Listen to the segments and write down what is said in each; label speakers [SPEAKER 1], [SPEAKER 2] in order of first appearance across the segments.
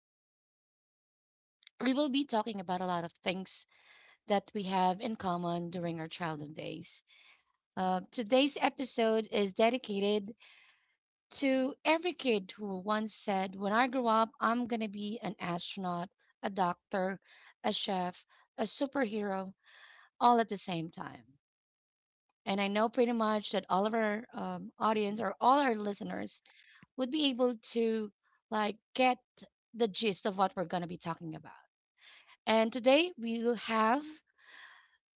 [SPEAKER 1] Chi. Today, we will be talking about a lot of things that we have in common during our childhood days. Today's episode is dedicated to every kid who once said, "When I grow up, I'm going to be an astronaut, a doctor, a chef, a superhero, all at the same time." And I know pretty much that all of our audience or all our listeners would be able to get the gist of what we're going to be talking about. And today we will have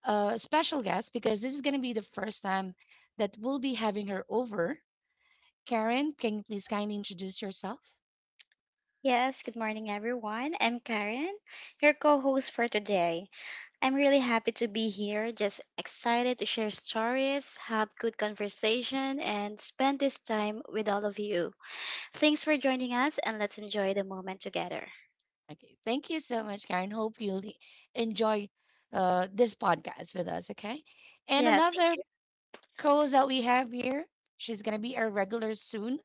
[SPEAKER 1] a special guest because this is going to be the first time that we'll be having her over. Karen, can you please kindly introduce yourself?
[SPEAKER 2] Yes, good morning, everyone. I'm Karen, your co host for today. I'm really happy to be here, just excited to share stories, have good conversation, and spend this time with all of you. Thanks for joining us, and let's enjoy the moment together.
[SPEAKER 1] Okay, thank you so much, Karen. Hope you'll enjoy this podcast with us, okay? And
[SPEAKER 2] Yeah, thank
[SPEAKER 1] another
[SPEAKER 2] you.
[SPEAKER 1] co-host that we have here. She's gonna be our regular soon.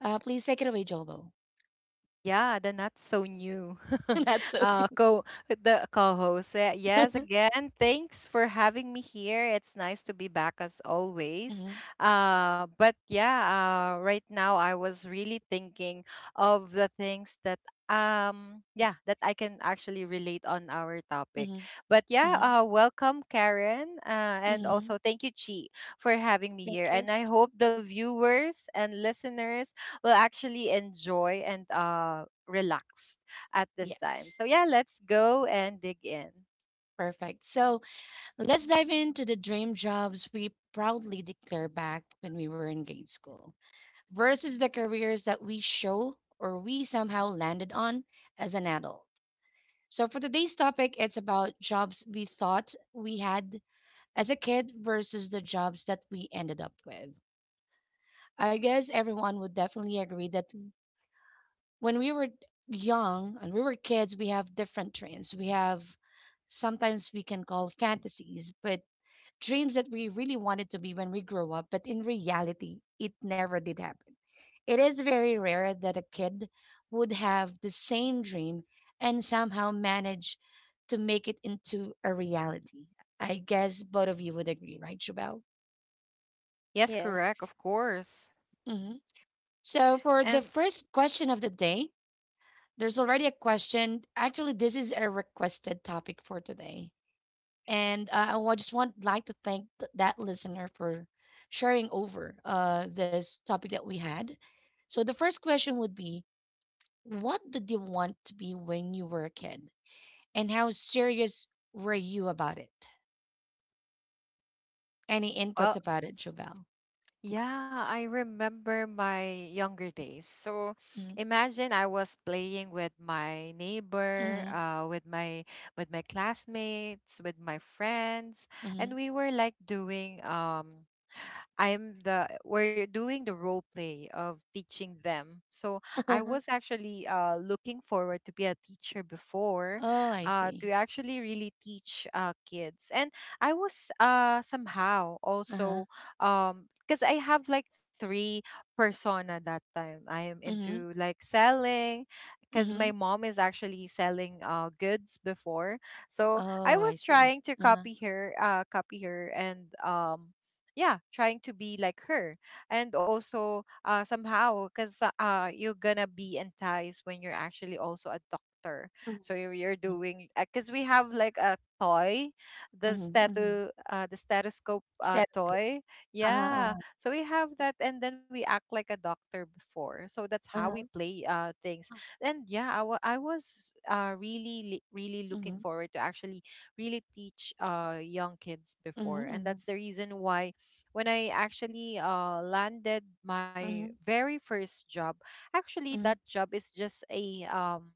[SPEAKER 1] Please take it away, Jobo.
[SPEAKER 3] Yeah, the not so new
[SPEAKER 1] That's so.
[SPEAKER 3] co the co-host. Yes, again, thanks for having me here. It's nice to be back as always.
[SPEAKER 1] hmm
[SPEAKER 3] Uh, but yeah, right now I was really thinking of the things that yeah that I can actually relate on our topic.
[SPEAKER 1] hmm
[SPEAKER 3] But yeah,
[SPEAKER 1] hmm
[SPEAKER 3] welcome Karen, and
[SPEAKER 1] hmm
[SPEAKER 3] also thank you Chi for having me
[SPEAKER 2] Thank
[SPEAKER 3] here.
[SPEAKER 2] you.
[SPEAKER 3] And I hope the viewers and listeners will actually enjoy and relax at this time.
[SPEAKER 1] Yes,
[SPEAKER 3] So yeah, let's go and dig in.
[SPEAKER 1] perfect. So let's dive into the dream jobs we proudly declare back when we were in grade school versus the careers that we show or we somehow landed on as an adult. So for today's topic, it's about jobs we thought we had as a kid versus the jobs that we ended up with. I guess everyone would definitely agree that when we were young and we were kids, we have different dreams. We have sometimes we can call fantasies, but dreams that we really wanted to be when we grow up, but in reality, it never did happen. It is very rare that a kid would have the same dream and somehow manage to make it into a reality. I guess both of you would agree, right, Jubel?
[SPEAKER 3] Yes,
[SPEAKER 2] Yeah.
[SPEAKER 3] correct, of course.
[SPEAKER 1] Hmm So, for the
[SPEAKER 3] And
[SPEAKER 1] first question of the day, there's already a question. Actually, this is a requested topic for today. And just want to thank that listener for sharing over this topic that we had. So the first question would be, what did you want to be when you were a kid? And how serious were you about it? Any inputs
[SPEAKER 3] Well,
[SPEAKER 1] about it, Jovel?
[SPEAKER 3] yeah, I remember my younger days. So
[SPEAKER 1] Mm,
[SPEAKER 3] imagine I was playing with my neighbor,
[SPEAKER 1] mhm,
[SPEAKER 3] with my classmates, with my friends,
[SPEAKER 1] mhm.
[SPEAKER 3] and we were like doing I'm the we're doing the role play of teaching them. So I was actually looking forward to be a teacher before,
[SPEAKER 1] Oh, I
[SPEAKER 3] to
[SPEAKER 1] see.
[SPEAKER 3] actually really teach kids, and I was somehow
[SPEAKER 1] Uh-huh.
[SPEAKER 3] also because I have like three persona that time. I am
[SPEAKER 1] Mm-hmm.
[SPEAKER 3] into like selling because
[SPEAKER 1] Mm-hmm.
[SPEAKER 3] my mom is actually selling goods before, so I
[SPEAKER 1] Oh, I
[SPEAKER 3] was
[SPEAKER 1] see.
[SPEAKER 3] trying to
[SPEAKER 1] Uh-huh.
[SPEAKER 3] copy her, and yeah trying to be like her, and also somehow because you're gonna be enticed when you're actually also a doctor,
[SPEAKER 1] Mm-hmm.
[SPEAKER 3] so you're doing because we have like a toy, the
[SPEAKER 1] Mm-hmm. mm-hmm.
[SPEAKER 3] statu the stethoscope
[SPEAKER 1] Settles ka.
[SPEAKER 3] toy.
[SPEAKER 1] Uh-huh,
[SPEAKER 3] Yeah,
[SPEAKER 1] uh-huh,
[SPEAKER 3] so we have that, and then we act like a doctor before, so that's how we
[SPEAKER 1] uh-huh.
[SPEAKER 3] play things.
[SPEAKER 2] Oh,
[SPEAKER 3] And I was really looking
[SPEAKER 1] Mhm,
[SPEAKER 3] forward to actually really teach young kids
[SPEAKER 1] mhm,
[SPEAKER 3] before, and
[SPEAKER 1] mhm,
[SPEAKER 3] that's the reason why when I actually landed my
[SPEAKER 1] mhm,
[SPEAKER 3] very first job, actually that
[SPEAKER 1] mhm,
[SPEAKER 3] job is just um,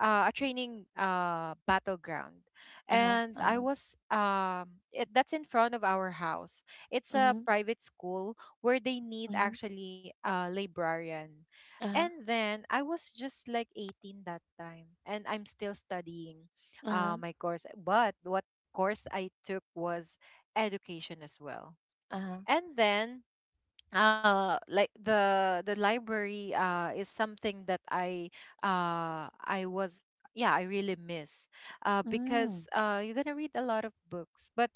[SPEAKER 3] uh, a training battleground,
[SPEAKER 1] uh-huh,
[SPEAKER 3] and I
[SPEAKER 1] uh-huh,
[SPEAKER 3] was that's in front of our house. It's a
[SPEAKER 1] mhm,
[SPEAKER 3] private school where they need
[SPEAKER 1] mhm,
[SPEAKER 3] actually a librarian.
[SPEAKER 1] uh-huh,
[SPEAKER 3] And then I was just like 18 that time, and I'm still studying
[SPEAKER 1] uh-huh,
[SPEAKER 3] my course. But what course I took was education as well.
[SPEAKER 1] uh-huh,
[SPEAKER 3] And then like the library is something that I was yeah, I really miss
[SPEAKER 1] mm,
[SPEAKER 3] because you're gonna read a lot of books. But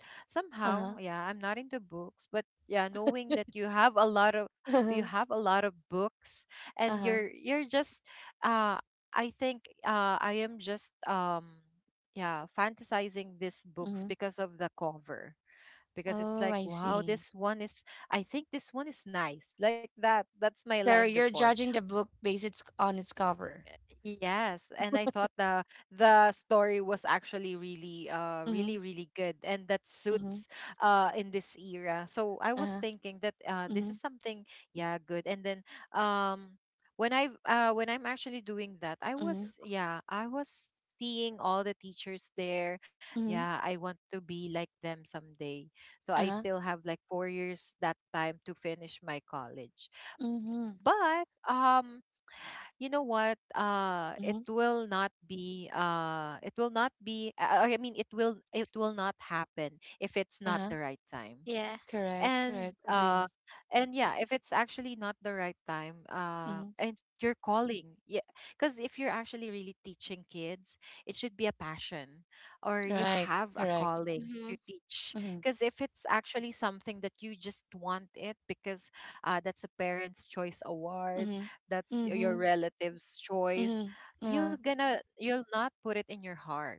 [SPEAKER 1] uh-huh,
[SPEAKER 3] somehow, yeah, I'm not into books, but yeah, knowing that you have a lot of books, and
[SPEAKER 1] uh-huh,
[SPEAKER 3] you're just uh I think I am just yeah fantasizing these books
[SPEAKER 1] mhm.
[SPEAKER 3] because of the cover, because it's
[SPEAKER 1] Oh,
[SPEAKER 3] like,
[SPEAKER 1] I
[SPEAKER 3] wow,
[SPEAKER 1] see.
[SPEAKER 3] this one is I think this one is nice, like that. That's my line
[SPEAKER 1] So you're
[SPEAKER 3] before.
[SPEAKER 1] judging the book based its on its cover.
[SPEAKER 3] Yes, and I thought the story was actually really
[SPEAKER 1] Mhm,
[SPEAKER 3] really good and that
[SPEAKER 1] mhm,
[SPEAKER 3] suits in this era. So I was
[SPEAKER 1] uh-huh,
[SPEAKER 3] thinking that this
[SPEAKER 1] mhm,
[SPEAKER 3] is something yeah good. And then um when I'm actually doing that I
[SPEAKER 1] mhm,
[SPEAKER 3] was yeah I was seeing all the teachers there.
[SPEAKER 1] mhm,
[SPEAKER 3] Yeah, I want to be like them someday.
[SPEAKER 1] uh-huh,
[SPEAKER 3] So I still have like 4 years that time to finish my college.
[SPEAKER 1] mhm,
[SPEAKER 3] But you know what,
[SPEAKER 1] mhm,
[SPEAKER 3] it will not be I mean, it will not happen if it's not
[SPEAKER 1] uh-huh.
[SPEAKER 3] the right time.
[SPEAKER 2] yeah.
[SPEAKER 1] Correct,
[SPEAKER 3] And
[SPEAKER 1] correct. Agree.
[SPEAKER 3] yeah, if it's actually not the right time
[SPEAKER 1] Mhm.
[SPEAKER 3] and you're calling, yeah, because if you're actually really teaching kids, it should be a passion, or you
[SPEAKER 1] Right.
[SPEAKER 3] have a
[SPEAKER 1] Correct.
[SPEAKER 3] calling
[SPEAKER 2] Mm-hmm.
[SPEAKER 3] to teach.
[SPEAKER 1] Mhm,
[SPEAKER 3] Because if it's actually something that you just want it because, that's a parent's choice award,
[SPEAKER 1] mhm,
[SPEAKER 3] that's your
[SPEAKER 1] mhm,
[SPEAKER 3] relative's choice,
[SPEAKER 1] mhm. Yeah.
[SPEAKER 3] you'll not put it in your heart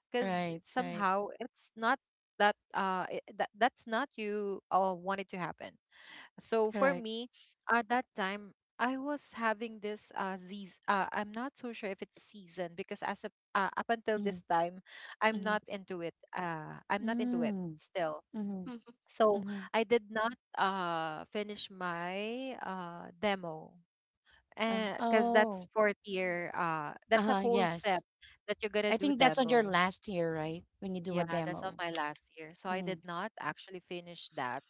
[SPEAKER 3] because
[SPEAKER 1] Right, right.
[SPEAKER 3] somehow it's not that it, that that's not you want it to happen. So for
[SPEAKER 1] Correct.
[SPEAKER 3] me at that time, I was having this seas I'm not so sure if it's season because as a, up until this
[SPEAKER 1] Mhm,
[SPEAKER 3] time,
[SPEAKER 1] mhm.
[SPEAKER 3] I'm not into it
[SPEAKER 1] Mm,
[SPEAKER 3] still.
[SPEAKER 1] mhm,
[SPEAKER 3] So
[SPEAKER 1] mhm.
[SPEAKER 3] I did not finish my demo
[SPEAKER 1] Uh,
[SPEAKER 3] because that's
[SPEAKER 1] oh,
[SPEAKER 3] fourth year, that's a
[SPEAKER 1] uh-huh,
[SPEAKER 3] whole set
[SPEAKER 1] yes.
[SPEAKER 3] that you're gonna
[SPEAKER 1] I
[SPEAKER 3] do
[SPEAKER 1] think that's on your
[SPEAKER 3] demo.
[SPEAKER 1] last year, right? When you do a
[SPEAKER 3] Yeah, that's on
[SPEAKER 1] demo.
[SPEAKER 3] my last year. So I
[SPEAKER 1] Mm,
[SPEAKER 3] did not actually finish that.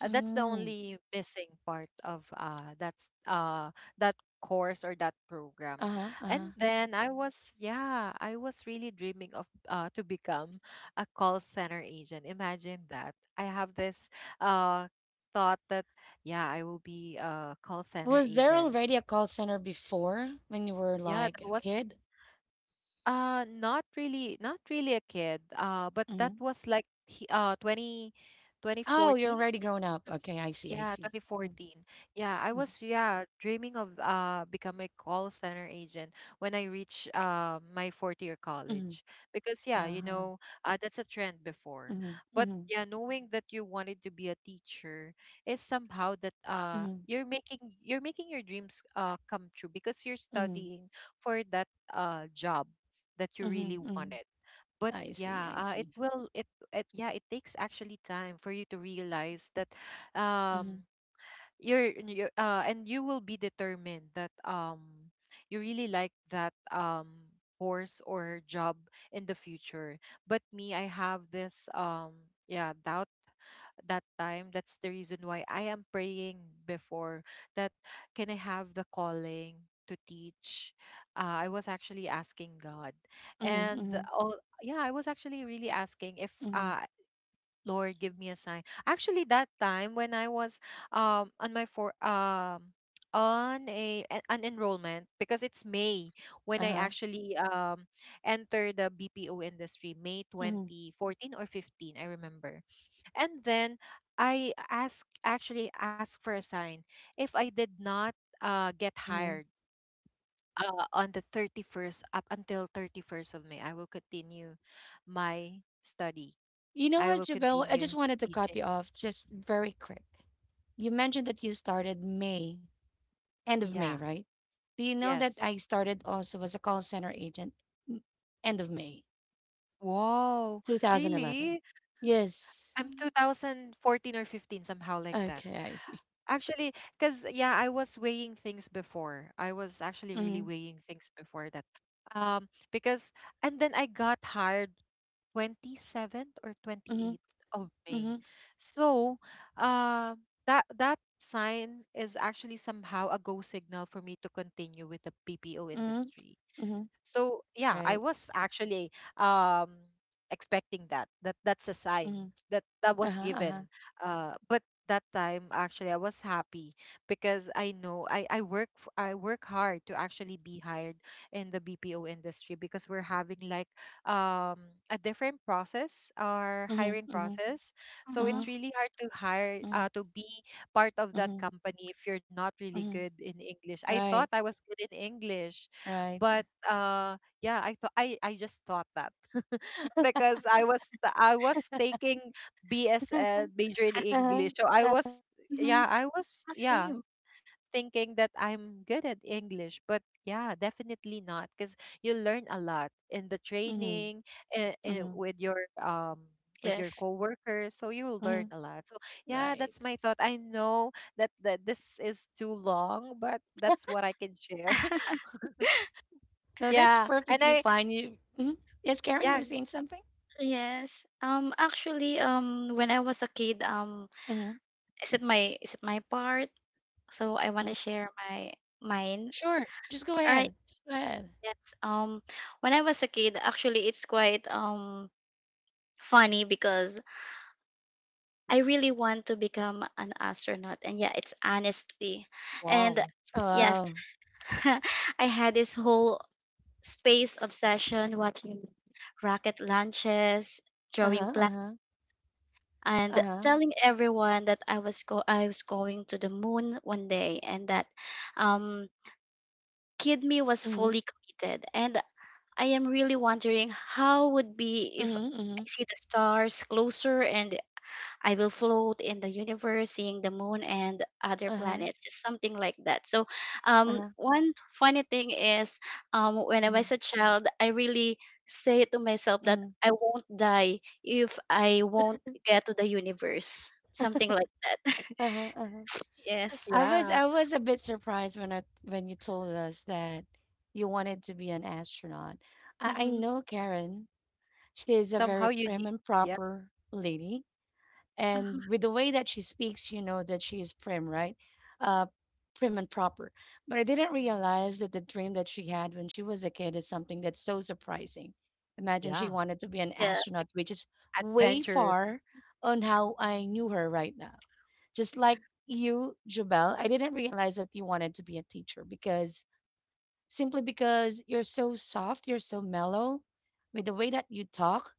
[SPEAKER 3] That's the
[SPEAKER 1] mm.
[SPEAKER 3] only missing part of that course or that program.
[SPEAKER 1] Uh-huh,
[SPEAKER 3] And
[SPEAKER 1] uh-huh.
[SPEAKER 3] then I was yeah, I was really dreaming of to become a call center agent. Imagine that. I have this uh thought that yeah, I will be a call center
[SPEAKER 1] Was there
[SPEAKER 3] agent.
[SPEAKER 1] already a call center before when you were
[SPEAKER 3] Yeah,
[SPEAKER 1] like
[SPEAKER 3] that
[SPEAKER 1] a
[SPEAKER 3] was
[SPEAKER 1] kid?
[SPEAKER 3] Not really, a kid. But that
[SPEAKER 1] Hmm
[SPEAKER 3] was like 20 twenty
[SPEAKER 1] Oh, you're
[SPEAKER 3] fourteen.
[SPEAKER 1] already grown up. Okay, I see, I
[SPEAKER 3] Yeah,
[SPEAKER 1] see. Mm,
[SPEAKER 3] 2014. Yeah, I
[SPEAKER 1] mm,
[SPEAKER 3] was yeah dreaming of become a call center agent when I reach my fourth year
[SPEAKER 1] mm.
[SPEAKER 3] college, because yeah, you
[SPEAKER 1] Uh-huh.
[SPEAKER 3] know, that's a trend before.
[SPEAKER 1] Mhm,
[SPEAKER 3] But
[SPEAKER 1] mhm,
[SPEAKER 3] yeah, knowing that you wanted to be a teacher is somehow that
[SPEAKER 1] mhm,
[SPEAKER 3] you're making your dreams come true because you're
[SPEAKER 1] mhm,
[SPEAKER 3] studying for that job that you
[SPEAKER 1] mhm,
[SPEAKER 3] really
[SPEAKER 1] mhm.
[SPEAKER 3] wanted. But
[SPEAKER 1] I see,
[SPEAKER 3] yeah
[SPEAKER 1] I
[SPEAKER 3] it
[SPEAKER 1] see.
[SPEAKER 3] will it, it yeah, it takes actually time for you to realize that
[SPEAKER 1] Mm-hmm,
[SPEAKER 3] um you're, you and you will be determined that you really like that course or job in the future. But me, I have this yeah, doubt that time. That's the reason why I am praying before that, can I have the calling to teach? I was actually asking God, and
[SPEAKER 1] mm-hmm,
[SPEAKER 3] all, yeah, I was actually really asking if,
[SPEAKER 1] mm-hmm.
[SPEAKER 3] Lord, give me a sign. Actually, that time when I was on my for on an enrollment because it's May when I
[SPEAKER 1] Uh-huh.
[SPEAKER 3] actually entered the BPO industry, May
[SPEAKER 1] Mm-hmm,
[SPEAKER 3] 2014 or 15, I remember. And then I asked actually asked for a sign if I did not get hired. On the 31st, up until 31st of May, I will continue my study.
[SPEAKER 1] You know
[SPEAKER 3] I
[SPEAKER 1] what,
[SPEAKER 3] will
[SPEAKER 1] Jabel? I
[SPEAKER 3] continue
[SPEAKER 1] just wanted to cut
[SPEAKER 3] teaching.
[SPEAKER 1] you off just very quick. You mentioned that you started May, end of May,
[SPEAKER 3] Yeah.
[SPEAKER 1] right? Do you know that I
[SPEAKER 3] Yes.
[SPEAKER 1] started also as a call center agent m- end of May
[SPEAKER 3] Wow,
[SPEAKER 1] 2011?
[SPEAKER 3] really?
[SPEAKER 1] Yes.
[SPEAKER 3] I'm
[SPEAKER 2] Mm-hmm.
[SPEAKER 3] 2014 or 15, somehow like that.
[SPEAKER 1] Okay, I see.
[SPEAKER 3] Actually, because yeah, I was weighing things before. I was actually
[SPEAKER 1] Mm-hmm,
[SPEAKER 3] really weighing things before that. Because and then I got hired 27th or
[SPEAKER 1] mm-hmm,
[SPEAKER 3] 28th of May.
[SPEAKER 1] mm-hmm,
[SPEAKER 3] So, uh, that that sign is actually somehow a go signal for me to continue with the BPO
[SPEAKER 1] mm-hmm,
[SPEAKER 3] industry.
[SPEAKER 1] mm-hmm.
[SPEAKER 3] So yeah, I
[SPEAKER 1] Right.
[SPEAKER 3] was actually um expecting that. That that's a sign
[SPEAKER 1] Mm-hmm.
[SPEAKER 3] that that was
[SPEAKER 1] Uh-huh, uh-huh.
[SPEAKER 3] given. But that time actually I was happy because I know I work I work hard to actually be hired in the BPO industry, because we're having like a different process, our
[SPEAKER 1] Mm-hmm,
[SPEAKER 3] hiring
[SPEAKER 1] mm-hmm,
[SPEAKER 3] process. So
[SPEAKER 2] Uh-huh.
[SPEAKER 1] mm-hmm,
[SPEAKER 3] it's really hard to hire,
[SPEAKER 1] mm-hmm,
[SPEAKER 3] to be part of that
[SPEAKER 1] mm-hmm,
[SPEAKER 3] company if you're not really
[SPEAKER 1] mm-hmm.
[SPEAKER 3] good in English. I thought
[SPEAKER 1] Right,
[SPEAKER 3] I was good in English,
[SPEAKER 1] right.
[SPEAKER 3] but yeah, I just thought that because I was taking BSL major in
[SPEAKER 1] Uh-huh.
[SPEAKER 3] English, so I was
[SPEAKER 2] Mm-hmm.
[SPEAKER 3] yeah I was yeah
[SPEAKER 2] Same.
[SPEAKER 3] thinking that I'm good at English. But yeah, definitely not, because you learn a lot in the
[SPEAKER 1] Mm-hmm,
[SPEAKER 3] training, and,
[SPEAKER 1] mm-hmm,
[SPEAKER 3] with your um with your
[SPEAKER 2] Yes.
[SPEAKER 3] coworkers, so you will learn a
[SPEAKER 1] mm-hmm.
[SPEAKER 3] lot. So yeah,
[SPEAKER 1] Right.
[SPEAKER 3] that's my thought. I know that this is too long, but that's what I can share.
[SPEAKER 1] No, that's
[SPEAKER 3] Yeah, and
[SPEAKER 1] perfectly
[SPEAKER 3] I
[SPEAKER 1] fine. You, mhm. Yes, Karen, you
[SPEAKER 3] Yeah.
[SPEAKER 1] were saying something?
[SPEAKER 2] Yes. Actually. When I was a kid.
[SPEAKER 1] Hmm
[SPEAKER 2] Is it my part? So I want to
[SPEAKER 1] hmm
[SPEAKER 2] share my mine.
[SPEAKER 1] Sure. Just go
[SPEAKER 2] All right.
[SPEAKER 1] ahead. Just go ahead.
[SPEAKER 2] Yes. Um, when I was a kid, actually, it's quite funny because I really want to become an astronaut, and yeah, it's honestly,
[SPEAKER 3] Wow.
[SPEAKER 2] and
[SPEAKER 1] Oh,
[SPEAKER 2] yes,
[SPEAKER 1] wow.
[SPEAKER 2] I had this whole space obsession watching rocket launches, drawing
[SPEAKER 1] Uh-huh,
[SPEAKER 2] plans,
[SPEAKER 1] uh-huh,
[SPEAKER 2] and
[SPEAKER 1] uh-huh.
[SPEAKER 2] telling everyone that I was going to the moon one day, and that um kid me was
[SPEAKER 1] Mm-hmm,
[SPEAKER 2] fully committed, and I am really wondering how would be if
[SPEAKER 1] mm-hmm, mm-hmm,
[SPEAKER 2] I see the stars closer and I will float in the universe seeing the moon and other
[SPEAKER 1] uh-huh,
[SPEAKER 2] planets, something like that. So,
[SPEAKER 1] uh-huh,
[SPEAKER 2] one funny thing is, when I
[SPEAKER 1] mm-hmm,
[SPEAKER 2] was a child, I really say to myself that
[SPEAKER 1] mm-hmm,
[SPEAKER 2] I won't die if I won't get to the universe, something like that.
[SPEAKER 1] uh-huh, uh-huh.
[SPEAKER 2] Yes.
[SPEAKER 3] Yeah.
[SPEAKER 1] I was a bit surprised when I when you told us that you wanted to be an astronaut. I
[SPEAKER 2] Mm-hmm.
[SPEAKER 1] know Karen. She is a
[SPEAKER 3] Somehow
[SPEAKER 1] very prim
[SPEAKER 3] unique.
[SPEAKER 1] and
[SPEAKER 3] Yeah.
[SPEAKER 1] proper lady.
[SPEAKER 2] Uh-huh.
[SPEAKER 1] And with the way that she speaks, you know that she is prim, right? Uh, Prim and proper. But I didn't realize that the dream that she had when she was a kid is something that's so surprising. Imagine she
[SPEAKER 3] Yeah.
[SPEAKER 1] wanted to be an
[SPEAKER 2] Yeah.
[SPEAKER 1] astronaut, which is way
[SPEAKER 3] Adventurous.
[SPEAKER 1] far on how I knew her right now. Just like you, Jubel, I didn't realize that you wanted to be a teacher because simply because you're so soft, you're so mellow with the way that you talk.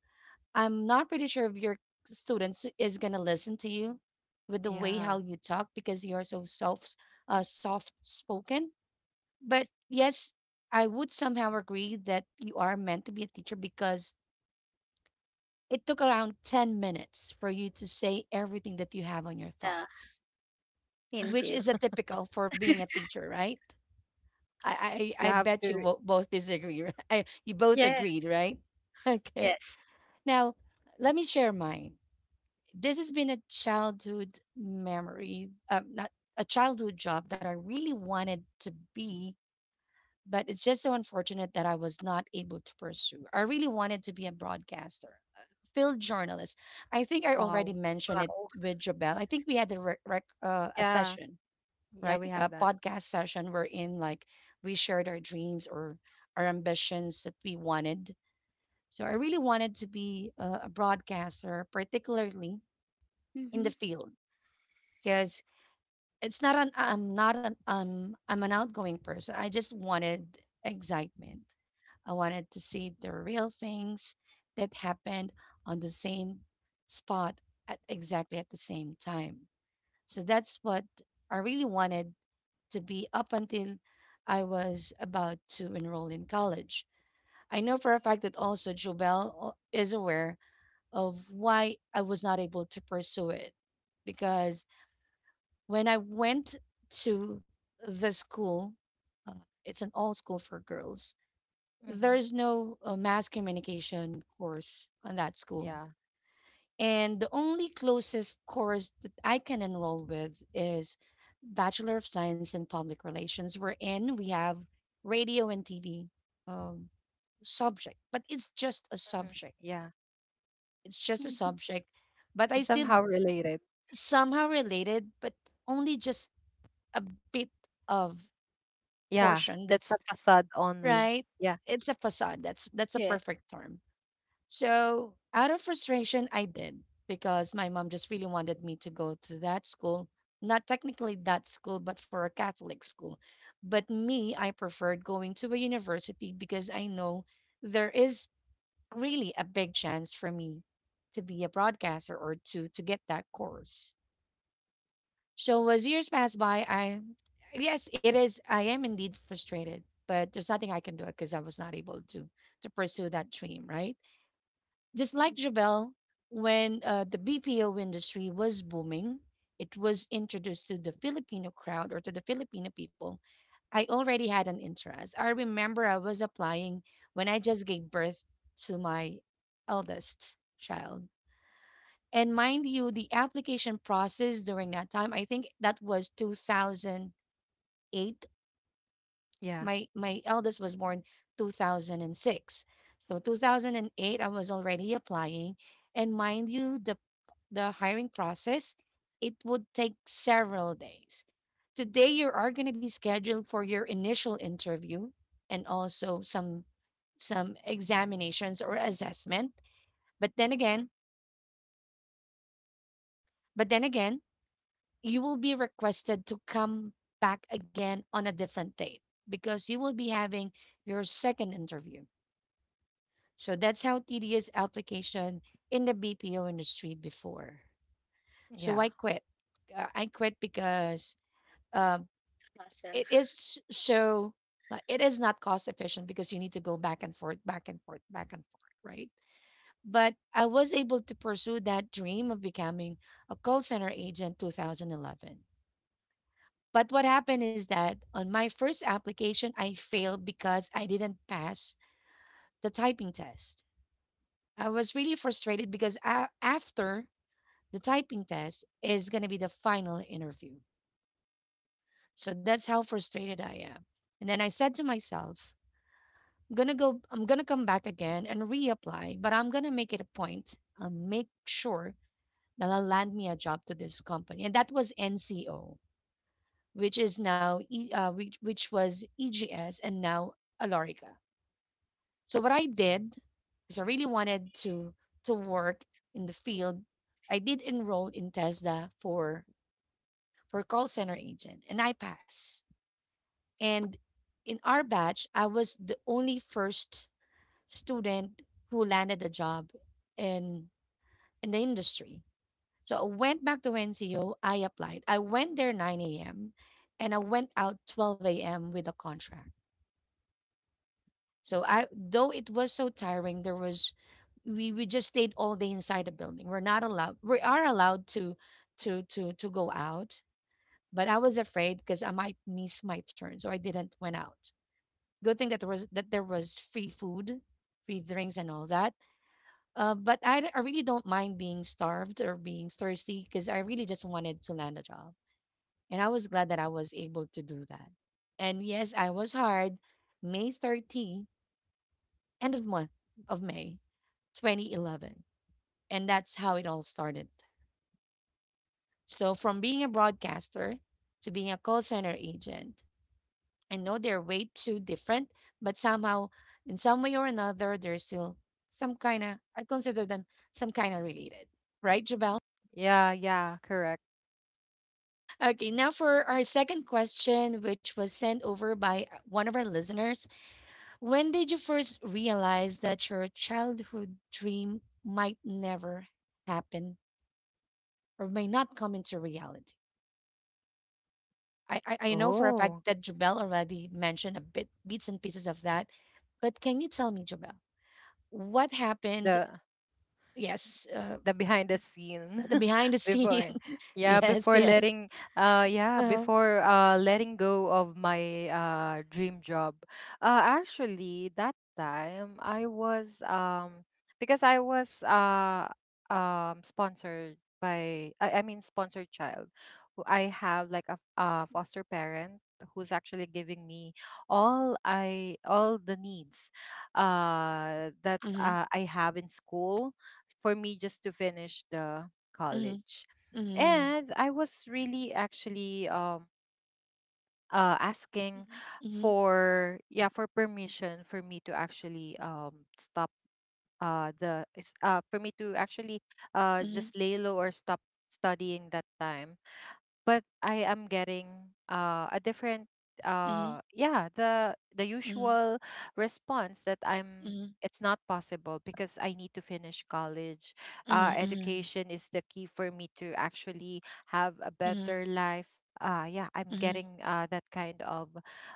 [SPEAKER 1] I'm not pretty sure if your students is gonna listen to you with the way
[SPEAKER 3] Yeah.
[SPEAKER 1] how you talk because you're so soft, soft spoken. But yes, I would somehow agree that you are meant to be a teacher because it took around 10 minutes for you to say everything that you have on your
[SPEAKER 2] Yeah.
[SPEAKER 1] thoughts, which
[SPEAKER 2] Indeed.
[SPEAKER 1] is a typical for being a teacher, right? I
[SPEAKER 3] You
[SPEAKER 1] I, I
[SPEAKER 3] have
[SPEAKER 1] bet
[SPEAKER 3] to.
[SPEAKER 1] you both disagree. I, you both
[SPEAKER 2] Yeah.
[SPEAKER 1] agreed, right? Okay.
[SPEAKER 2] Yes.
[SPEAKER 1] Now, let me share mine. This has been a childhood memory, not a childhood job that I really wanted to be, but it's just so unfortunate that I was not able to pursue. I really wanted to be a broadcaster, a field journalist. I think I
[SPEAKER 3] Wow.
[SPEAKER 1] already mentioned it
[SPEAKER 2] Wow.
[SPEAKER 1] with Jobel. I think we had a
[SPEAKER 3] Yeah.
[SPEAKER 1] session,
[SPEAKER 3] Yeah.
[SPEAKER 1] right?
[SPEAKER 3] We
[SPEAKER 1] A
[SPEAKER 3] have that.
[SPEAKER 1] podcast session wherein like we shared our dreams or our ambitions that we wanted. So I really wanted to be a broadcaster, particularly in
[SPEAKER 2] Mm-hmm.
[SPEAKER 1] the field because it's not an I'm not an I'm an outgoing person. I just wanted excitement. I wanted to see the real things that happened on the same spot at exactly at the same time. So that's what I really wanted to be up until I was about to enroll in college. I know for a fact that also Jobel is aware of why I was not able to pursue it because when I went to the school, uh, it's an all school for girls.
[SPEAKER 3] Mm-hmm.
[SPEAKER 1] There's no mass communication course on that school.
[SPEAKER 3] Yeah.
[SPEAKER 1] And the only closest course that I can enroll with is Bachelor of Science in Public Relations. We're in, we have radio and TV um, subject, but it's just a
[SPEAKER 3] Mm-hmm.
[SPEAKER 1] subject.
[SPEAKER 3] Yeah.
[SPEAKER 1] It's just a
[SPEAKER 2] Mm-hmm.
[SPEAKER 1] subject, but I
[SPEAKER 3] And
[SPEAKER 1] still
[SPEAKER 3] somehow related.
[SPEAKER 1] somehow related, but only just a bit of
[SPEAKER 3] Yeah.
[SPEAKER 1] portion
[SPEAKER 3] That's a
[SPEAKER 1] that's
[SPEAKER 3] facade only.
[SPEAKER 1] right.
[SPEAKER 3] Yeah.
[SPEAKER 1] It's a facade. That's a
[SPEAKER 2] Yeah.
[SPEAKER 1] perfect term. So out of frustration I did because my mom just really wanted me to go to that school, not technically that school but for a Catholic school. But me, I preferred going to a university because I know there is really a big chance for me to be a broadcaster or to get that course. So as years pass by, I yes, it is. I am indeed frustrated, but there's nothing I can do it because I was not able to pursue that dream. Right, just like Jabel, when the BPO industry was booming, it was introduced to the Filipino crowd or to the Filipino people. I already had an interest. I remember I was applying when I just gave birth to my eldest child, and mind you, the application process during that time, I think that was 2008.
[SPEAKER 3] Yeah.
[SPEAKER 1] My eldest was born 2006. So 2008 I was already applying, and mind you the hiring process it would take several days. Today you are going to be scheduled for your initial interview and also some examinations or assessment. But then again, but then again you will be requested to come back again on a different date because you will be having your second interview. So that's how tedious application in the BPO industry before. So
[SPEAKER 3] Yeah.
[SPEAKER 1] I quit. I quit because um,
[SPEAKER 2] Muscle.
[SPEAKER 1] it is so like, it is not cost efficient because you need to go back and forth, back and forth, back and forth, right? But I was able to pursue that dream of becoming a call center agent 2011. But what happened is that on my first application, I failed because I didn't pass the typing test. I was really frustrated because after the typing test is going to be the final interview. So that's how frustrated I am. And then I said to myself, I'm going to go, I'm going to come back again and reapply, but I'm going to make it a point and make sure that I'll land me a job to this company. And that was NCO, which is now, which was EGS and now Alorica. So what I did is I really wanted to work in the field. I did enroll in TESDA for call center agent and I passed. And in our batch, I was the only first student who landed a job in in the industry. So I went back to NCO, I applied. I went there 9 a.m. and I went out 12 a.m. with a contract. So I though it was so tiring, there was we just stayed all day inside the building. We're not allowed. We are allowed to go out, but I was afraid because I might miss my turn, so I didn't went out. Good thing that there was free food, free drinks, and all that. But I really don't mind being starved or being thirsty because I really just wanted to land a job, and I was glad that I was able to do that. And yes, I was hard. May 30, end of month of May 2011. And that's how it all started. So, from being a broadcaster to being a call center agent, I know they're way too different, but somehow, in some way or another, they're still some kind of, I consider them some kind of related. Right, Jabel?
[SPEAKER 3] Yeah. Yeah. Correct.
[SPEAKER 1] Okay, now for our second question, which was sent over by one of our listeners. When did you first realize that your childhood dream might never happen or may not come into reality? I know for a fact
[SPEAKER 3] Oh.
[SPEAKER 1] that Jubel already mentioned a bit bits and pieces of that, but can you tell me, Jubel, what happened?
[SPEAKER 3] The
[SPEAKER 1] Yes,
[SPEAKER 3] behind the scene
[SPEAKER 1] the behind the scene.
[SPEAKER 3] before yeah
[SPEAKER 1] Yes,
[SPEAKER 3] before
[SPEAKER 1] yes.
[SPEAKER 3] letting yeah
[SPEAKER 1] Uh,
[SPEAKER 3] before letting go of my dream job. Actually that time I was because i was uh sponsored by I mean, sponsored child, who I have like a foster parent who's actually giving me all the needs that
[SPEAKER 1] mm-hmm.
[SPEAKER 3] I have in school for me just to finish the
[SPEAKER 1] Mm-hmm.
[SPEAKER 3] college.
[SPEAKER 1] Mm-hmm.
[SPEAKER 3] And I was really actually asking
[SPEAKER 1] Mhm.
[SPEAKER 3] for yeah for permission for me to actually stop for me to actually just lay low or stop studying that time. But I am getting a different
[SPEAKER 1] Mm-hmm.
[SPEAKER 3] yeah the
[SPEAKER 1] Mm-hmm.
[SPEAKER 3] usual response that I'm
[SPEAKER 1] Mm-hmm.
[SPEAKER 3] it's not possible because I need to finish college.
[SPEAKER 1] Mm-hmm.
[SPEAKER 3] Education is the key for me to actually have a
[SPEAKER 1] Mm-hmm.
[SPEAKER 3] better life. Yeah, I'm
[SPEAKER 1] Mm-hmm.
[SPEAKER 3] getting that kind of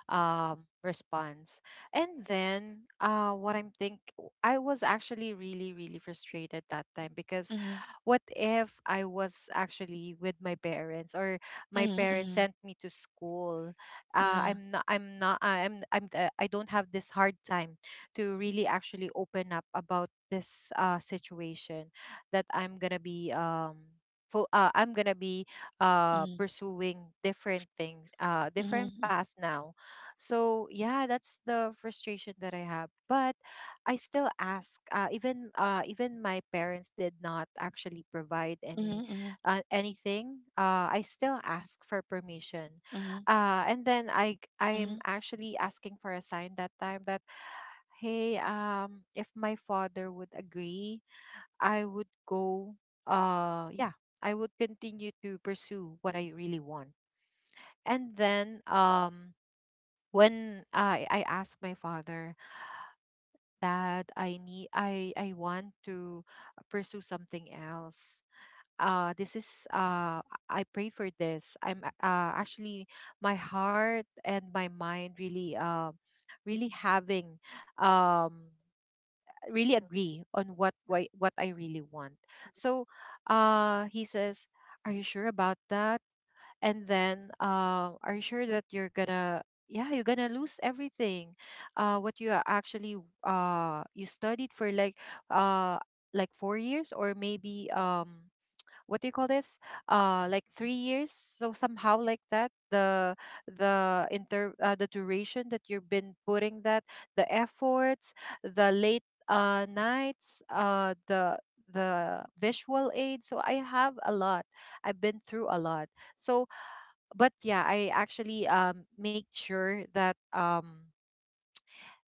[SPEAKER 3] response. And then what I'm think I was actually really, really frustrated that time because
[SPEAKER 1] Mm-hmm.
[SPEAKER 3] what if I was actually with my parents, or my
[SPEAKER 1] Mm-hmm.
[SPEAKER 3] parents
[SPEAKER 1] Mm-hmm.
[SPEAKER 3] sent me to school.
[SPEAKER 1] Mm-hmm. Uh-huh.
[SPEAKER 3] I'm not. I'm not. I'm. I'm. I don't have this hard time to really actually open up about this situation that I'm gonna be I'm gonna be
[SPEAKER 1] Mm-hmm.
[SPEAKER 3] pursuing different things, different
[SPEAKER 1] Mm-hmm.
[SPEAKER 3] path now. So yeah, that's the frustration that I have. But I still ask. Even even my parents did not actually provide any
[SPEAKER 1] Mm-hmm.
[SPEAKER 3] anything, I still ask for permission.
[SPEAKER 1] Mm-hmm.
[SPEAKER 3] And then I
[SPEAKER 1] Mm-hmm.
[SPEAKER 3] I'm actually asking for a sign that time that hey, if my father would agree, I would go. Yeah, I would continue to pursue what I really want. And then, when I asked my father that I need I want to pursue something else. This is, I pray for this. I'm actually, my heart and my mind really, really having um really agree on what I really want. So, he says, are you sure about that? And then, are you sure that you're gonna, yeah, you're gonna lose everything, what you are actually, you studied for like, uh like 4 years, or maybe, what do you call this, like 3 years, so somehow like that, the inter the duration that you've been putting, that, the efforts, the late, nights, the visual aid. So I have a lot, I've been through a lot. So, but yeah, I actually, make sure that,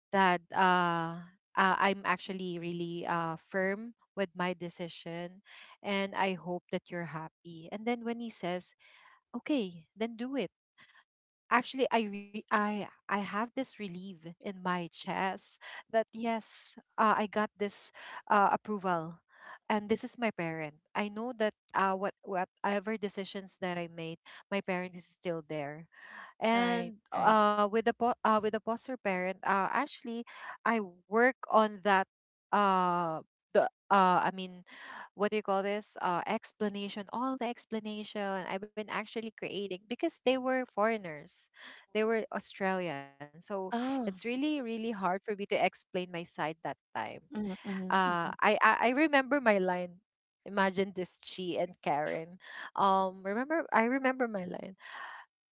[SPEAKER 3] that uh, I'm actually really, firm with my decision, and I hope that you're happy. And then when he says, okay, then do it, actually I re- I have this relief in my chest that yes, I got this, approval, and this is my parent. I know that, whatever decisions that I made, my parent is still there,
[SPEAKER 1] Right,
[SPEAKER 3] and
[SPEAKER 1] right.
[SPEAKER 3] uh, with the foster parent, actually, I work on that. Uh, the I mean, what do you call this, explanation all the explanation I've been actually creating, because they were foreigners, they were Australian. So it's
[SPEAKER 1] Oh.
[SPEAKER 3] really, really hard for me to explain my side that time.
[SPEAKER 1] Mm-hmm. Mm-hmm.
[SPEAKER 3] Uh,
[SPEAKER 1] Mm-hmm.
[SPEAKER 3] I, I, I remember my line. Imagine this, Chi and Karen. I remember my line.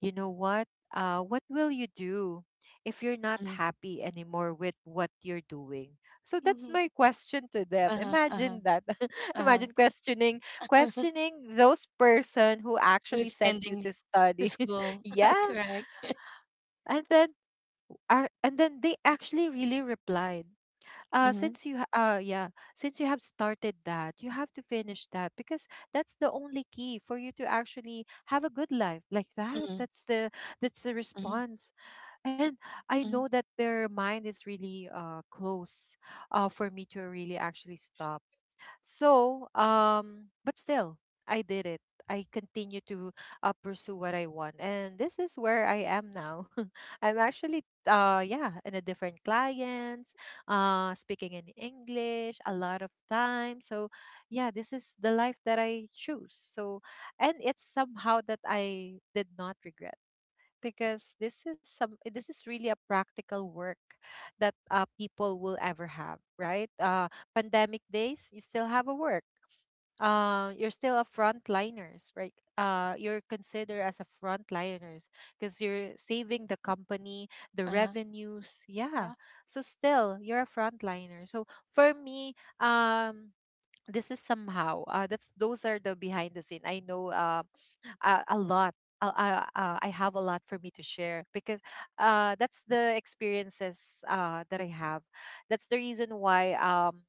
[SPEAKER 3] You know what? What will you do if you're not
[SPEAKER 1] Mm-hmm.
[SPEAKER 3] happy anymore with what you're doing? So that's
[SPEAKER 2] Mm-hmm.
[SPEAKER 3] my question to them.
[SPEAKER 1] Uh-huh. Uh-huh.
[SPEAKER 3] Imagine that.
[SPEAKER 1] Uh-huh.
[SPEAKER 3] Imagine questioning those person who actually
[SPEAKER 1] who's
[SPEAKER 3] sent you
[SPEAKER 1] sending
[SPEAKER 3] to
[SPEAKER 1] to
[SPEAKER 3] study.
[SPEAKER 1] school.
[SPEAKER 3] Yeah.
[SPEAKER 1] Correct.
[SPEAKER 3] And then and then they actually really replied, uh
[SPEAKER 1] Mm-hmm.
[SPEAKER 3] since you ha- uh yeah since you have started that you have to finish that, because that's the only key for you to actually have a good life like that.
[SPEAKER 1] Hmm.
[SPEAKER 3] That's the,
[SPEAKER 1] Hmm.
[SPEAKER 3] response. And I
[SPEAKER 1] hmm
[SPEAKER 3] know that their mind is really, close, for me to really
[SPEAKER 1] Their
[SPEAKER 3] actually
[SPEAKER 1] mind is
[SPEAKER 3] stop.
[SPEAKER 1] focused on raising you
[SPEAKER 3] So,
[SPEAKER 1] up and sending you to
[SPEAKER 3] but
[SPEAKER 1] school.
[SPEAKER 3] still, I
[SPEAKER 1] Is
[SPEAKER 3] did it.
[SPEAKER 1] that correct,
[SPEAKER 3] I
[SPEAKER 1] Jubel?
[SPEAKER 3] continue to, pursue what I want, and this is
[SPEAKER 1] Uh
[SPEAKER 3] where I
[SPEAKER 1] huh.
[SPEAKER 3] am now. I'm actually,
[SPEAKER 1] Uh huh.
[SPEAKER 3] yeah, in a different clients,
[SPEAKER 1] Uh huh.
[SPEAKER 3] speaking in English a lot of time. So,
[SPEAKER 1] How
[SPEAKER 3] yeah,
[SPEAKER 1] about
[SPEAKER 3] this
[SPEAKER 1] you,
[SPEAKER 3] is the
[SPEAKER 1] Karen? Is
[SPEAKER 3] life
[SPEAKER 1] there
[SPEAKER 3] that
[SPEAKER 1] anything
[SPEAKER 3] I
[SPEAKER 1] that you'd
[SPEAKER 3] choose.
[SPEAKER 1] like to
[SPEAKER 3] So,
[SPEAKER 1] share?
[SPEAKER 3] and it's somehow that I did not regret, because this is really a
[SPEAKER 1] Mm hmm.
[SPEAKER 3] practical work that,
[SPEAKER 1] Mm
[SPEAKER 3] people
[SPEAKER 1] hmm.
[SPEAKER 3] will ever have, right? Pandemic
[SPEAKER 1] Uh
[SPEAKER 3] days, you
[SPEAKER 1] huh.
[SPEAKER 3] still have a work. You're still a frontliners, right?
[SPEAKER 1] Mm hmm.
[SPEAKER 3] You're considered as a frontliners because you're saving the company, the
[SPEAKER 1] Uh huh.
[SPEAKER 3] revenues. Yeah.
[SPEAKER 2] Huh?
[SPEAKER 3] So still, you're a frontliner. So for me, um this is somehow, that's those are the behind the scene. I know, a lot. I have a lot for me to share, because, that's the experiences, that I have. That's the reason why,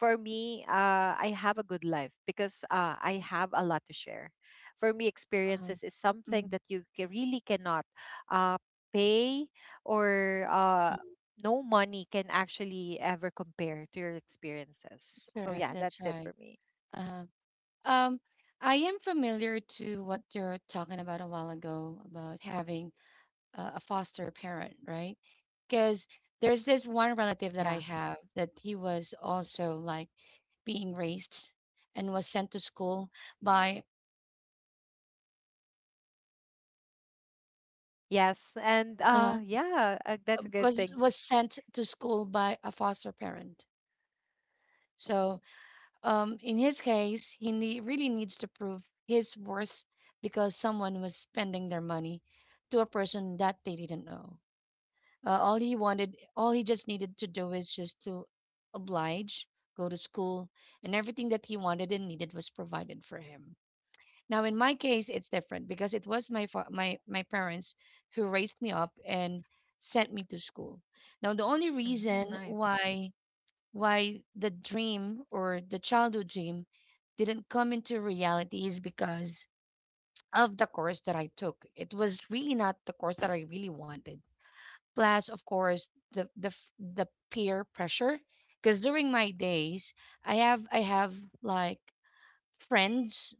[SPEAKER 3] for me, I have a good life, because, I have a lot to share. For me,
[SPEAKER 1] Uh huh.
[SPEAKER 3] experiences is something
[SPEAKER 1] Mm-hmm.
[SPEAKER 3] that really cannot, uh, pay, or no money can actually ever compare to your experiences. So
[SPEAKER 1] Correct.
[SPEAKER 3] yeah,
[SPEAKER 1] That's
[SPEAKER 3] that's it
[SPEAKER 1] right.
[SPEAKER 3] for me.
[SPEAKER 1] Uh, huh. Um, I am familiar to what you're talking about a while ago about having a foster parent, right? Because there's this one relative
[SPEAKER 3] Yeah.
[SPEAKER 1] that I have that he was also like being raised and by
[SPEAKER 3] Yes, and
[SPEAKER 1] uh,
[SPEAKER 3] yeah, that's a good
[SPEAKER 1] was
[SPEAKER 3] thing.
[SPEAKER 1] was sent to school by a foster parent. So in his case, he nee- really needs to prove his worth because someone was spending their money to a person that they didn't know. All he wanted, all he just needed to do is just to oblige, go to school, and everything that he wanted and needed was provided for him. Now, in my case, it's different because it was my fa- my parents who raised me up and sent me to school. Now, the only
[SPEAKER 3] Mm,
[SPEAKER 1] reason
[SPEAKER 3] nice.
[SPEAKER 1] why the dream or the childhood dream didn't come into reality is because of the course that I took. It was really not the course that I really wanted, plus of course the peer pressure, because during my days I have like friends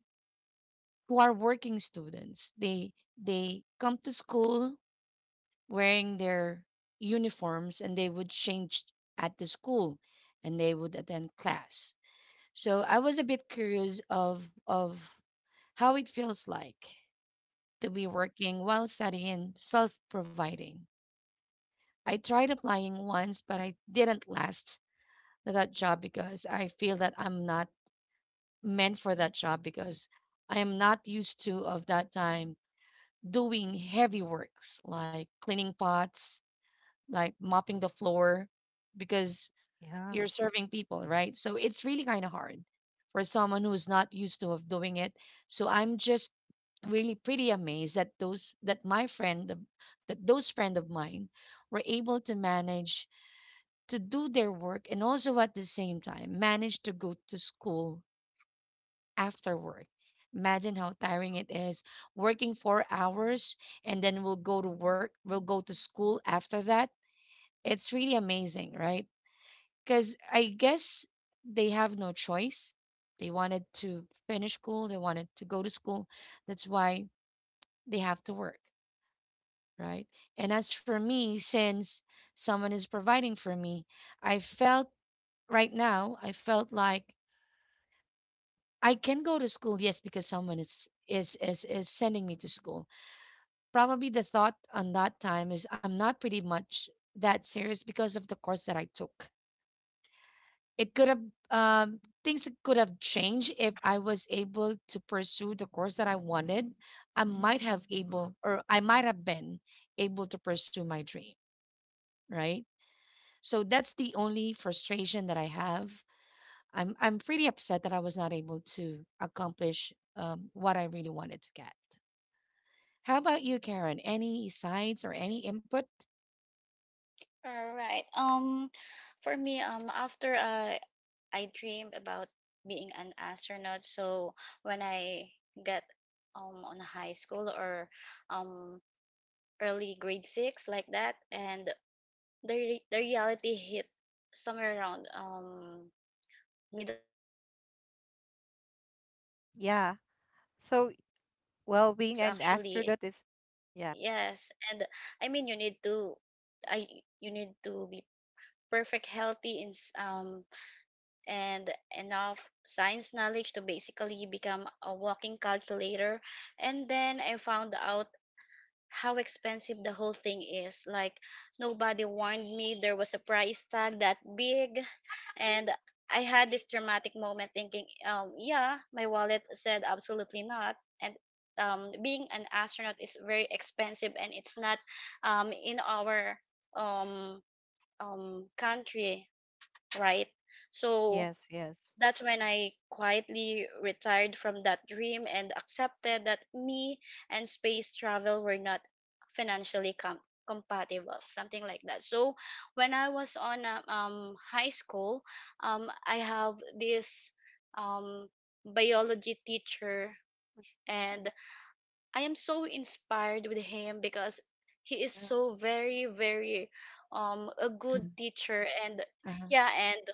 [SPEAKER 1] who are working students. They come to school wearing their uniforms, and they would change at the school, and they would attend class. So I was a bit curious of how it feels like to be working while studying, self providing. I tried applying once but I didn't last that job because I feel that I'm not meant for that job because I am not used to of that time doing heavy works like cleaning pots, like mopping the floor, because
[SPEAKER 3] Yeah.
[SPEAKER 1] you're serving people, right? So it's really kind of hard for someone who's not used to of doing it. So I'm just really pretty amazed that those friend of mine were able to manage to do their work, and also at the same time manage to go to school after work. Imagine how tiring it is, working 4 hours and then we'll go to work, we'll go to school after that. It's really amazing, right? Because I guess they have no choice. They wanted to finish school, they wanted to go to school. That's why they have to work, right? And as for me, since someone is providing for me, I felt right now, I felt like I can go to school, yes, because someone is sending me to school. Probably the thought on that time is I'm not pretty much that serious because of the course that I took. It could have things that could have changed if I was able to pursue the course that I wanted. I might have able, or I might have been able to pursue my dream, right? So that's the only frustration that I have. I'm pretty upset that I was not able to accomplish what I really wanted to get. How about you, Karen? Any sides or any input?
[SPEAKER 2] All right. For me, after I dreamed about being an astronaut. So when I get on high school or um early grade six like that, and the reality hit somewhere around middle school like that. And when I realized how
[SPEAKER 3] Yeah.
[SPEAKER 2] intense
[SPEAKER 3] So,
[SPEAKER 2] the whole
[SPEAKER 3] well, being
[SPEAKER 2] process
[SPEAKER 3] an
[SPEAKER 2] actually,
[SPEAKER 3] astronaut is, yeah.
[SPEAKER 2] yes, and I mean I you need to be perfect healthy and and enough science knowledge to basically become a walking calculator, and then I found out how expensive the whole thing is, like nobody warned me there was a price tag that big. And I had this dramatic moment thinking, yeah, my wallet said absolutely not. And being an astronaut is very expensive, and it's not in our um, country, right? So
[SPEAKER 3] Yes, yes.
[SPEAKER 2] that's when I quietly retired from that dream and accepted that me and space travel were not financially com- compatible, something like that. So when I was on high school, I have this um biology teacher, and I am so inspired with him because he is
[SPEAKER 1] Uh-huh.
[SPEAKER 2] so very very a good teacher. And
[SPEAKER 1] Uh-huh.
[SPEAKER 2] yeah, and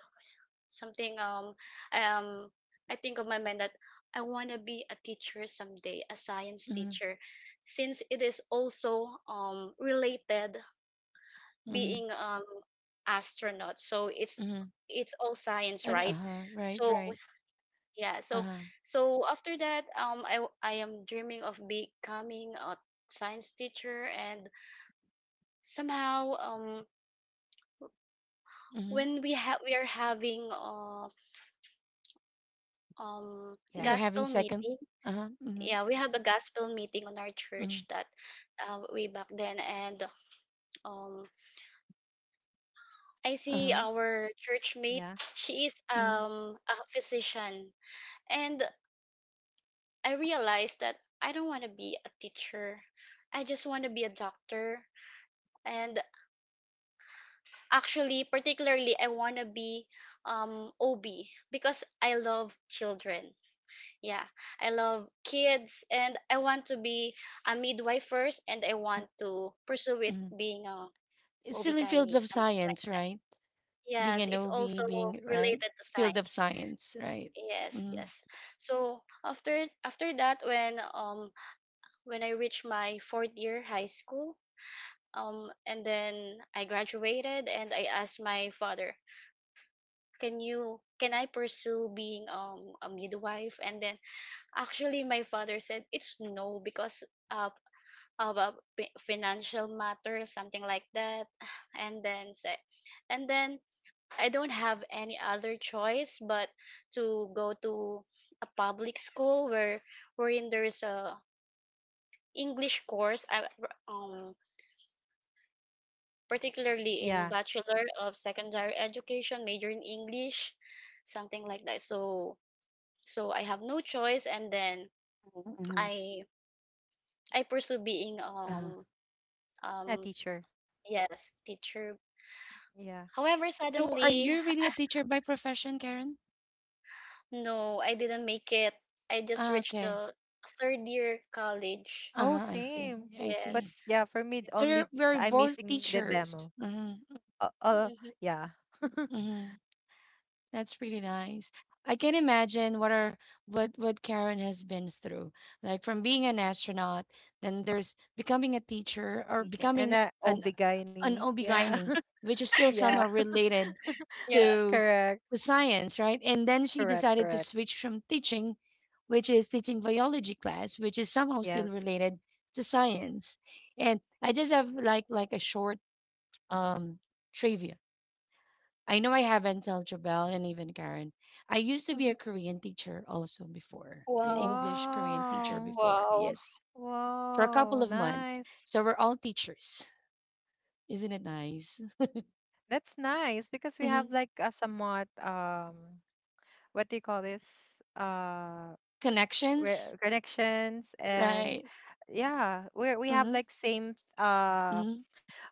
[SPEAKER 2] something um I think of my mind that I want to be a teacher someday, a science
[SPEAKER 1] Mhm.
[SPEAKER 2] teacher, since it is also related,
[SPEAKER 1] Mhm.
[SPEAKER 2] being astronaut. So it's
[SPEAKER 1] mhm,
[SPEAKER 2] it's all science,
[SPEAKER 1] and-
[SPEAKER 2] right?
[SPEAKER 1] Uh-huh. Right,
[SPEAKER 2] So
[SPEAKER 1] right.
[SPEAKER 2] yeah, so
[SPEAKER 1] Uh-huh.
[SPEAKER 2] so after that, I am dreaming of becoming a science teacher, and somehow
[SPEAKER 1] hmm
[SPEAKER 2] when we are having um
[SPEAKER 1] You're
[SPEAKER 3] Yeah.
[SPEAKER 1] having
[SPEAKER 2] gospel
[SPEAKER 1] second.
[SPEAKER 2] meeting.
[SPEAKER 1] Uh-huh. Mm-hmm.
[SPEAKER 2] Yeah, we have a gospel meeting on our
[SPEAKER 1] Mm-hmm.
[SPEAKER 2] church that way back then, and um I see
[SPEAKER 1] Uh-huh.
[SPEAKER 2] our church mate.
[SPEAKER 3] Yeah.
[SPEAKER 2] She is
[SPEAKER 1] Mhm.
[SPEAKER 2] a physician, and I realized that I don't want to be a teacher, I just want to be a doctor. And actually particularly I want to be OB because I love children, yeah, I love kids, and I want to be a midwife first, and I
[SPEAKER 1] Mhm.
[SPEAKER 2] want to pursue it
[SPEAKER 1] Mhm.
[SPEAKER 2] being a
[SPEAKER 1] It's still in fields
[SPEAKER 2] Obikaini,
[SPEAKER 1] of
[SPEAKER 2] something like,
[SPEAKER 1] science, right? Being
[SPEAKER 2] yes,
[SPEAKER 1] an
[SPEAKER 2] it's
[SPEAKER 1] OB,
[SPEAKER 2] also
[SPEAKER 1] being right
[SPEAKER 2] related to
[SPEAKER 1] field of
[SPEAKER 2] science.
[SPEAKER 1] science, right?
[SPEAKER 2] Yes,
[SPEAKER 1] Mm-hmm.
[SPEAKER 2] yes. So after that, when I reached my fourth year high school, and then I graduated, and I asked my father, can I pursue being a midwife? And then actually my father said it's no because uh about financial matter, something like that, and then say, and then I don't have any other choice but to go to a public school wherein there's a English course. I um particularly
[SPEAKER 3] Yeah.
[SPEAKER 2] in Bachelor of Secondary Education, major in English, something like that. So I have no choice, and then
[SPEAKER 1] Mm-hmm.
[SPEAKER 2] I I pursue being
[SPEAKER 1] Uh-huh.
[SPEAKER 3] A
[SPEAKER 2] um
[SPEAKER 3] teacher.
[SPEAKER 2] yes, teacher.
[SPEAKER 3] Yeah.
[SPEAKER 2] However,
[SPEAKER 1] So, are
[SPEAKER 2] suddenly
[SPEAKER 1] you really a teacher by profession, Karen?
[SPEAKER 2] no, I didn't make it. I just
[SPEAKER 1] Ah,
[SPEAKER 2] reached
[SPEAKER 1] okay.
[SPEAKER 2] the third year college.
[SPEAKER 3] Oh,
[SPEAKER 1] Uh-huh. I see.
[SPEAKER 3] same.
[SPEAKER 1] I
[SPEAKER 3] But
[SPEAKER 1] see.
[SPEAKER 2] Yes.
[SPEAKER 3] yeah, for me,
[SPEAKER 1] So
[SPEAKER 3] only
[SPEAKER 1] you're we're
[SPEAKER 3] I'm
[SPEAKER 1] both
[SPEAKER 3] missing the demo.
[SPEAKER 1] teachers. Mm-hmm.
[SPEAKER 3] Uh, uh
[SPEAKER 2] Mm-hmm.
[SPEAKER 3] yeah.
[SPEAKER 1] Mm-hmm. That's really nice. I can imagine what are what Karen has been through. Like from being an astronaut, then there's becoming a teacher, or
[SPEAKER 3] Teacher. And
[SPEAKER 1] becoming
[SPEAKER 3] uh,
[SPEAKER 1] an an
[SPEAKER 3] Obigayani. Yeah.
[SPEAKER 1] obigaini, which is still
[SPEAKER 3] Yeah.
[SPEAKER 1] somehow related
[SPEAKER 2] Yeah.
[SPEAKER 1] to
[SPEAKER 3] Correct.
[SPEAKER 1] to science, right? And then she
[SPEAKER 3] Correct.
[SPEAKER 1] decided to
[SPEAKER 3] Correct.
[SPEAKER 1] switch from teaching, which is teaching biology class, which is somehow still
[SPEAKER 3] Yes.
[SPEAKER 1] related to science. And I just have like a short um trivia I know I haven't told Jabel and even Karen. I used to be a
[SPEAKER 2] Mm-hmm.
[SPEAKER 1] Korean teacher also before, an
[SPEAKER 2] Wow.
[SPEAKER 1] English Korean teacher
[SPEAKER 3] Wow.
[SPEAKER 1] before.
[SPEAKER 2] Wow.
[SPEAKER 1] Yes, for a
[SPEAKER 3] Wow.
[SPEAKER 1] couple of months.
[SPEAKER 3] Nice.
[SPEAKER 1] So we're all teachers. Isn't it nice?
[SPEAKER 3] That's nice because we have
[SPEAKER 1] hmm
[SPEAKER 3] like a somewhat, what do you call this?
[SPEAKER 1] Connections,
[SPEAKER 3] Connections,
[SPEAKER 1] right?
[SPEAKER 3] and yeah, we
[SPEAKER 1] Mm-hmm.
[SPEAKER 3] have like same,
[SPEAKER 1] Mm-hmm.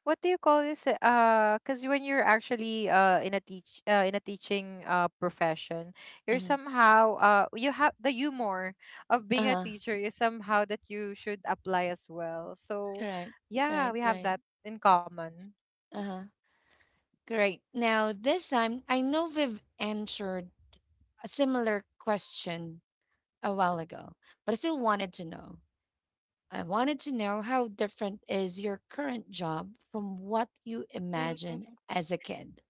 [SPEAKER 3] what do you call this? Cuz when you're actually, in a teaching, profession, you're
[SPEAKER 1] Mm-hmm.
[SPEAKER 3] somehow, you have the humor of being a
[SPEAKER 1] Uh-huh.
[SPEAKER 3] teacher is somehow that you should apply as well. So
[SPEAKER 1] Correct.
[SPEAKER 3] yeah,
[SPEAKER 1] Right.
[SPEAKER 3] we have
[SPEAKER 1] Right.
[SPEAKER 3] that in common.
[SPEAKER 1] Uh-huh. Great. Now this time, I know we've answered a similar question a while ago, but I still wanted to know. I wanted to know how different is your current job from what you imagined
[SPEAKER 2] Mm-hmm.
[SPEAKER 1] as a kid.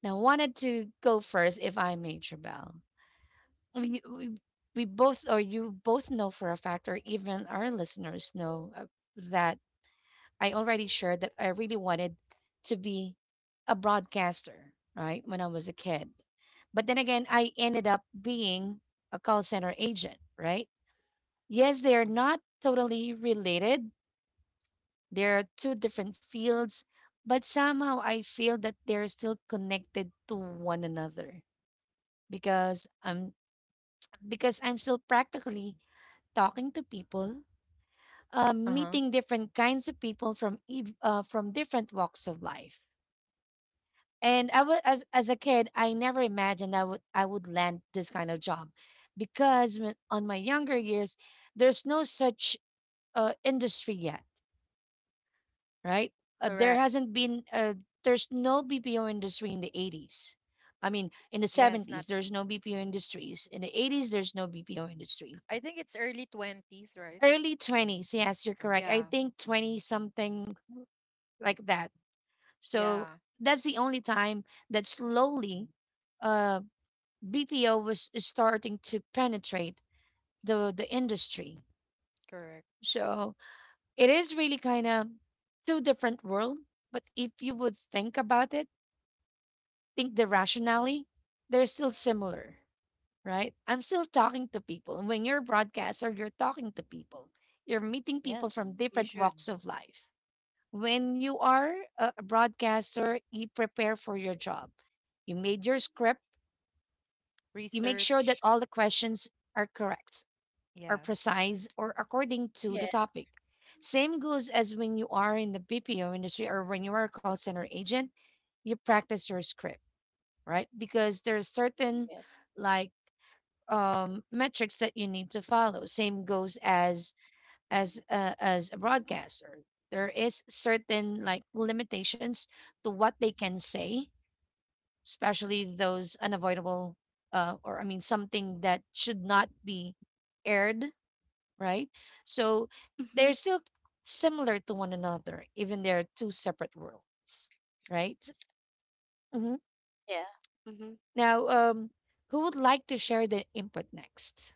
[SPEAKER 1] Now, wanted to go first, if I may, Jabal. I mean, you- we both, or you both know for a fact, or even our listeners know that I already shared that I really wanted to be a broadcaster, right, when I was a kid. But then again, I ended up being a call center agent, right? Yes, they are not totally related. There are two different fields, but somehow I feel that they're still connected to one another, because I'm still practically talking to people,
[SPEAKER 3] Uh-huh.
[SPEAKER 1] meeting different kinds of people from from different walks of life. And I was, as a kid, I never imagined I would land this kind of job, because when, on my younger years, there's no such industry yet, right? There
[SPEAKER 3] Correct.
[SPEAKER 1] hasn't been, there's no BPO industry in the 80s. I mean, in the
[SPEAKER 3] Yes,
[SPEAKER 1] 70s,
[SPEAKER 3] not.
[SPEAKER 1] there's no BPO industries. In the 80s, there's no BPO industry.
[SPEAKER 3] I think it's early 20s, right?
[SPEAKER 1] Early 20s, yes, you're correct. I
[SPEAKER 3] Yeah.
[SPEAKER 1] think 20 something like that. So
[SPEAKER 3] Yeah.
[SPEAKER 1] that's the only time that slowly uh, BPO was starting to penetrate the industry.
[SPEAKER 3] Correct.
[SPEAKER 1] So it is really kind of two different world. But if you would think about it, think the rationally, they're still similar, right? I'm still talking to people. And when you're a broadcaster, you're talking to people. You're meeting people from
[SPEAKER 3] Yes, you
[SPEAKER 1] different
[SPEAKER 3] should
[SPEAKER 1] walks of life. When you are a broadcaster, you prepare for your job. You made your script. You make sure that
[SPEAKER 3] research.
[SPEAKER 1] all the questions are correct, are
[SPEAKER 3] Yes.
[SPEAKER 1] precise, or according to
[SPEAKER 2] Yes.
[SPEAKER 1] the topic. Same goes as when you are in the BPO industry, or when you are a call center agent, you practice your script, right? Because there's certain
[SPEAKER 2] Yes.
[SPEAKER 1] like metrics that you need to follow. Same goes as as a broadcaster. There is certain like limitations to what they can say, especially those unavoidable or I mean something that should not be aired, right? So
[SPEAKER 2] Mm-hmm.
[SPEAKER 1] they're still similar to one another, even they're two separate worlds, right? Mm-hmm.
[SPEAKER 2] Yeah. Mm-hmm.
[SPEAKER 1] Now, who would like to share the input next?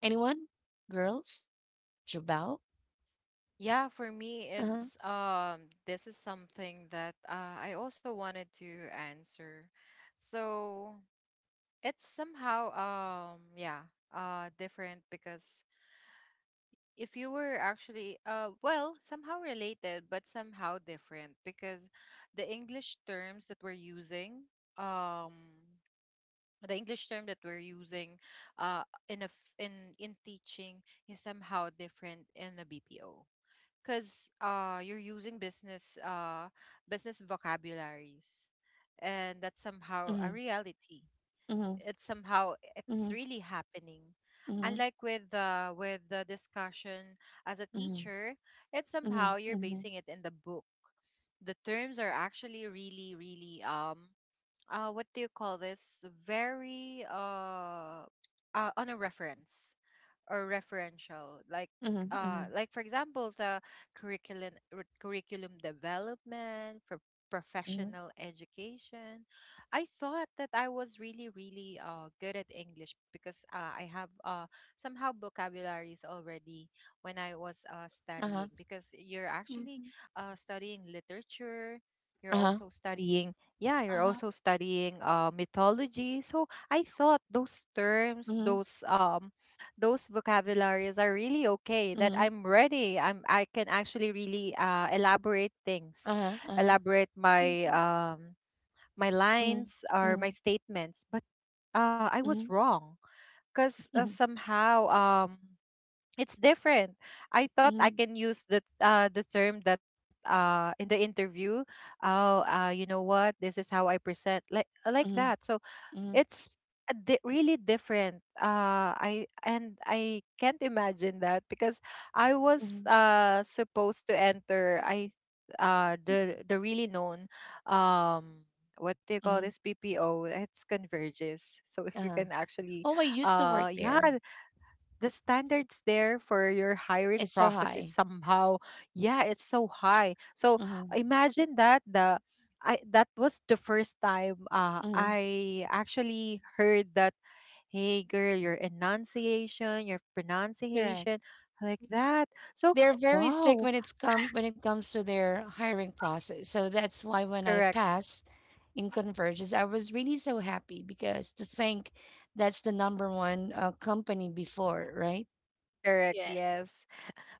[SPEAKER 1] Anyone? Girls? Jabal?
[SPEAKER 3] Yeah, for me
[SPEAKER 1] Uh-huh.
[SPEAKER 3] it's, this is something that, I also wanted to answer. So, it's somehow, yeah, different, because if you were actually, well, somehow related but somehow different, because the english terms that we're using um the English term that we're using, in teaching is somehow different in the BPO, because, you're using business, business vocabularies, and that's somehow
[SPEAKER 1] Mm-hmm.
[SPEAKER 3] a reality.
[SPEAKER 1] Mm-hmm.
[SPEAKER 3] It's somehow,
[SPEAKER 1] Mm-hmm.
[SPEAKER 3] it's really happening,
[SPEAKER 1] Mm-hmm.
[SPEAKER 3] unlike with the discussion as a
[SPEAKER 1] Mm-hmm.
[SPEAKER 3] teacher. It's
[SPEAKER 1] Mm-hmm.
[SPEAKER 3] somehow you're
[SPEAKER 1] Mm-hmm.
[SPEAKER 3] basing it in the book. The terms are actually really, really, what do you call this? Very, on a reference, or referential, like,
[SPEAKER 1] Mm-hmm. Mm-hmm.
[SPEAKER 3] like, for example, the curriculum development for
[SPEAKER 1] Mm-hmm.
[SPEAKER 3] professional education. I thought that I was really, really, good at English, because, I have, somehow vocabularies already, when I was, studying,
[SPEAKER 1] Uh-huh.
[SPEAKER 3] because you're actually,
[SPEAKER 2] Mm-hmm.
[SPEAKER 3] studying literature.
[SPEAKER 1] Uh-huh.
[SPEAKER 3] You're
[SPEAKER 2] Uh-huh.
[SPEAKER 3] also studying, mythology. So I thought those terms,
[SPEAKER 1] Mm-hmm.
[SPEAKER 3] those, those vocabularies are really okay, that
[SPEAKER 1] Mm-hmm.
[SPEAKER 3] I'm ready, I can actually really, elaborate things,
[SPEAKER 1] Uh-huh. Uh-huh.
[SPEAKER 3] elaborate my,
[SPEAKER 2] Mm-hmm.
[SPEAKER 3] my
[SPEAKER 1] Mm-hmm.
[SPEAKER 3] lines or
[SPEAKER 1] Mm-hmm.
[SPEAKER 3] my statements, but, I was
[SPEAKER 1] Mm-hmm.
[SPEAKER 3] wrong, because,
[SPEAKER 1] Mm-hmm.
[SPEAKER 3] somehow, it's different. I thought I
[SPEAKER 1] Mm-hmm.
[SPEAKER 3] can use the, the term that, in the interview. Oh you know what, this is how I present, like
[SPEAKER 1] Mm-hmm.
[SPEAKER 3] that, so
[SPEAKER 1] Mm-hmm.
[SPEAKER 3] it's really different. I can't imagine that, because I was,
[SPEAKER 1] Mm-hmm.
[SPEAKER 3] supposed to enter. I, the really known, um what do you call
[SPEAKER 1] Mm-hmm.
[SPEAKER 3] this, PPO? It's Converges. So if you can
[SPEAKER 1] Uh-huh.
[SPEAKER 3] actually,
[SPEAKER 1] Oh, I used to work
[SPEAKER 3] uh yeah
[SPEAKER 1] there.
[SPEAKER 3] the standards there for your hiring
[SPEAKER 1] It's so
[SPEAKER 3] process is
[SPEAKER 1] high.
[SPEAKER 3] somehow, yeah, it's so high. So
[SPEAKER 1] Mm-hmm.
[SPEAKER 3] imagine that, the that was the first time,
[SPEAKER 1] Mm-hmm.
[SPEAKER 3] I actually heard that, hey girl, your enunciation, your
[SPEAKER 1] Correct.
[SPEAKER 3] pronunciation, like that. So,
[SPEAKER 1] They're very strict
[SPEAKER 3] wow.
[SPEAKER 1] when it comes to their hiring process. So that's why when I
[SPEAKER 3] Correct,
[SPEAKER 1] pass in Convergence, I was really so happy, because to think that's the number one company before, right?
[SPEAKER 3] correct,
[SPEAKER 2] Yes.
[SPEAKER 3] yes.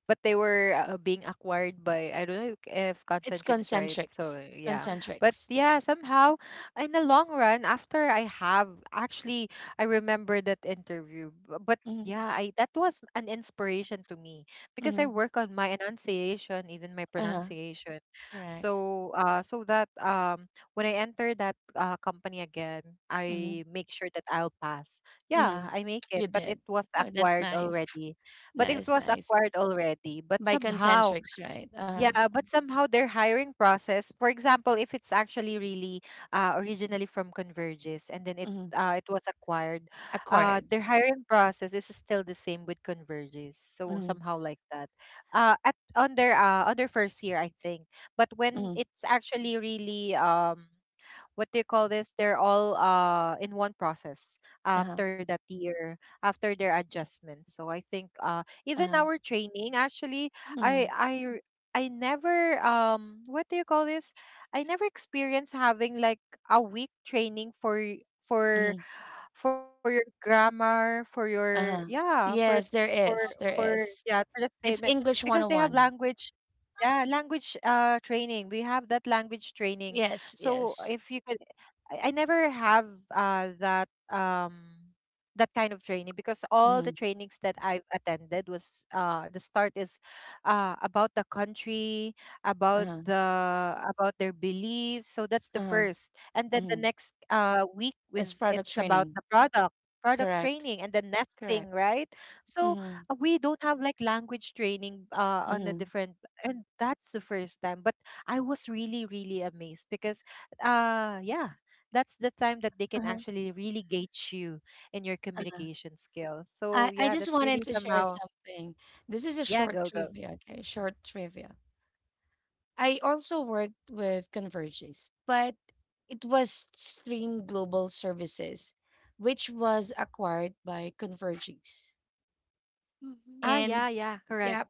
[SPEAKER 3] But they were, being acquired by, I don't know if
[SPEAKER 1] It's
[SPEAKER 3] Concentrix, right. So
[SPEAKER 1] Concentrics.
[SPEAKER 3] yeah,
[SPEAKER 2] And
[SPEAKER 3] but
[SPEAKER 1] Concentrics.
[SPEAKER 3] yeah, somehow in the long run, after I have actually, I remember that interview, but.
[SPEAKER 1] Mm-hmm.
[SPEAKER 3] Yeah, I that was an inspiration to me, because I
[SPEAKER 1] Mm-hmm.
[SPEAKER 3] work on my enunciation, even my
[SPEAKER 1] Uh-huh.
[SPEAKER 3] pronunciation.
[SPEAKER 1] Correct.
[SPEAKER 3] So, so that, when I enter that, company again,
[SPEAKER 1] Mm-hmm.
[SPEAKER 3] I make sure that I'll pass.
[SPEAKER 1] Mm-hmm.
[SPEAKER 3] Yeah, I make it,
[SPEAKER 1] You
[SPEAKER 3] but it
[SPEAKER 1] did.
[SPEAKER 3] was
[SPEAKER 1] Oh, that's
[SPEAKER 3] acquired
[SPEAKER 1] nice.
[SPEAKER 3] already.
[SPEAKER 1] Nice, nice.
[SPEAKER 3] But
[SPEAKER 1] By
[SPEAKER 3] somehow,
[SPEAKER 1] Concentrics, right? Uh-huh.
[SPEAKER 3] yeah, but somehow their hiring process, for example, if it's actually really, originally from Convergys, and then
[SPEAKER 1] Uh-huh. Mm-hmm.
[SPEAKER 3] it was acquired,
[SPEAKER 1] Acquired.
[SPEAKER 3] their hiring process is still the same with Convergys. So
[SPEAKER 1] Mm-hmm.
[SPEAKER 3] somehow like that. At on their, on their first year, I think. But when
[SPEAKER 1] Mm-hmm.
[SPEAKER 3] it's actually really, what do you call this? They're all, in one process,
[SPEAKER 1] Uh-huh.
[SPEAKER 3] after that year, after their adjustment. So I think, even
[SPEAKER 1] Uh-huh.
[SPEAKER 3] our training actually,
[SPEAKER 1] Mm-hmm.
[SPEAKER 3] I I r- I never, what do you call this? I never experienced having like a week training
[SPEAKER 1] Mm-hmm.
[SPEAKER 3] for your grammar, for your,
[SPEAKER 1] Uh-huh.
[SPEAKER 3] yeah,
[SPEAKER 1] Yes, there is. There is.
[SPEAKER 3] for the statement,
[SPEAKER 1] It's English
[SPEAKER 3] because they have
[SPEAKER 1] 101.
[SPEAKER 3] language, yeah, language, training. We have that language training.
[SPEAKER 1] Yes,
[SPEAKER 3] So
[SPEAKER 1] yes.
[SPEAKER 3] if you could, I never have, uh that um that kind of training, because all the
[SPEAKER 1] Mm-hmm.
[SPEAKER 3] trainings that I've attended was, the start is, about the country, about
[SPEAKER 1] Uh-huh.
[SPEAKER 3] the about their beliefs. So that's the
[SPEAKER 1] Uh-huh.
[SPEAKER 3] first. And then the
[SPEAKER 1] Mm-hmm.
[SPEAKER 3] next, week
[SPEAKER 1] It's
[SPEAKER 3] was,
[SPEAKER 1] product
[SPEAKER 3] it's about
[SPEAKER 1] training.
[SPEAKER 3] the product, product
[SPEAKER 1] Correct.
[SPEAKER 3] training, and the nesting,
[SPEAKER 1] Correct.
[SPEAKER 3] right. So,
[SPEAKER 1] Mm-hmm.
[SPEAKER 3] we don't have like language training, on a
[SPEAKER 1] Mm-hmm.
[SPEAKER 3] different, and that's the first time, but I was really, really amazed, because, uh yeah that's the time that they can
[SPEAKER 1] Uh-huh.
[SPEAKER 3] actually really gauge you in your
[SPEAKER 1] Uh-huh.
[SPEAKER 3] communication skills. So
[SPEAKER 1] I
[SPEAKER 3] yeah,
[SPEAKER 1] just
[SPEAKER 3] that's
[SPEAKER 1] wanted
[SPEAKER 3] really
[SPEAKER 1] to share
[SPEAKER 3] somehow.
[SPEAKER 1] something. This is a
[SPEAKER 3] Yeah,
[SPEAKER 1] short
[SPEAKER 3] go, go.
[SPEAKER 1] trivia, okay? Short trivia. I also worked with Convergys, but it was Stream Global Services, which was acquired by Convergys.
[SPEAKER 2] mm-hmm.
[SPEAKER 3] Ah yeah,
[SPEAKER 1] And
[SPEAKER 3] yeah, correct.
[SPEAKER 1] yeah,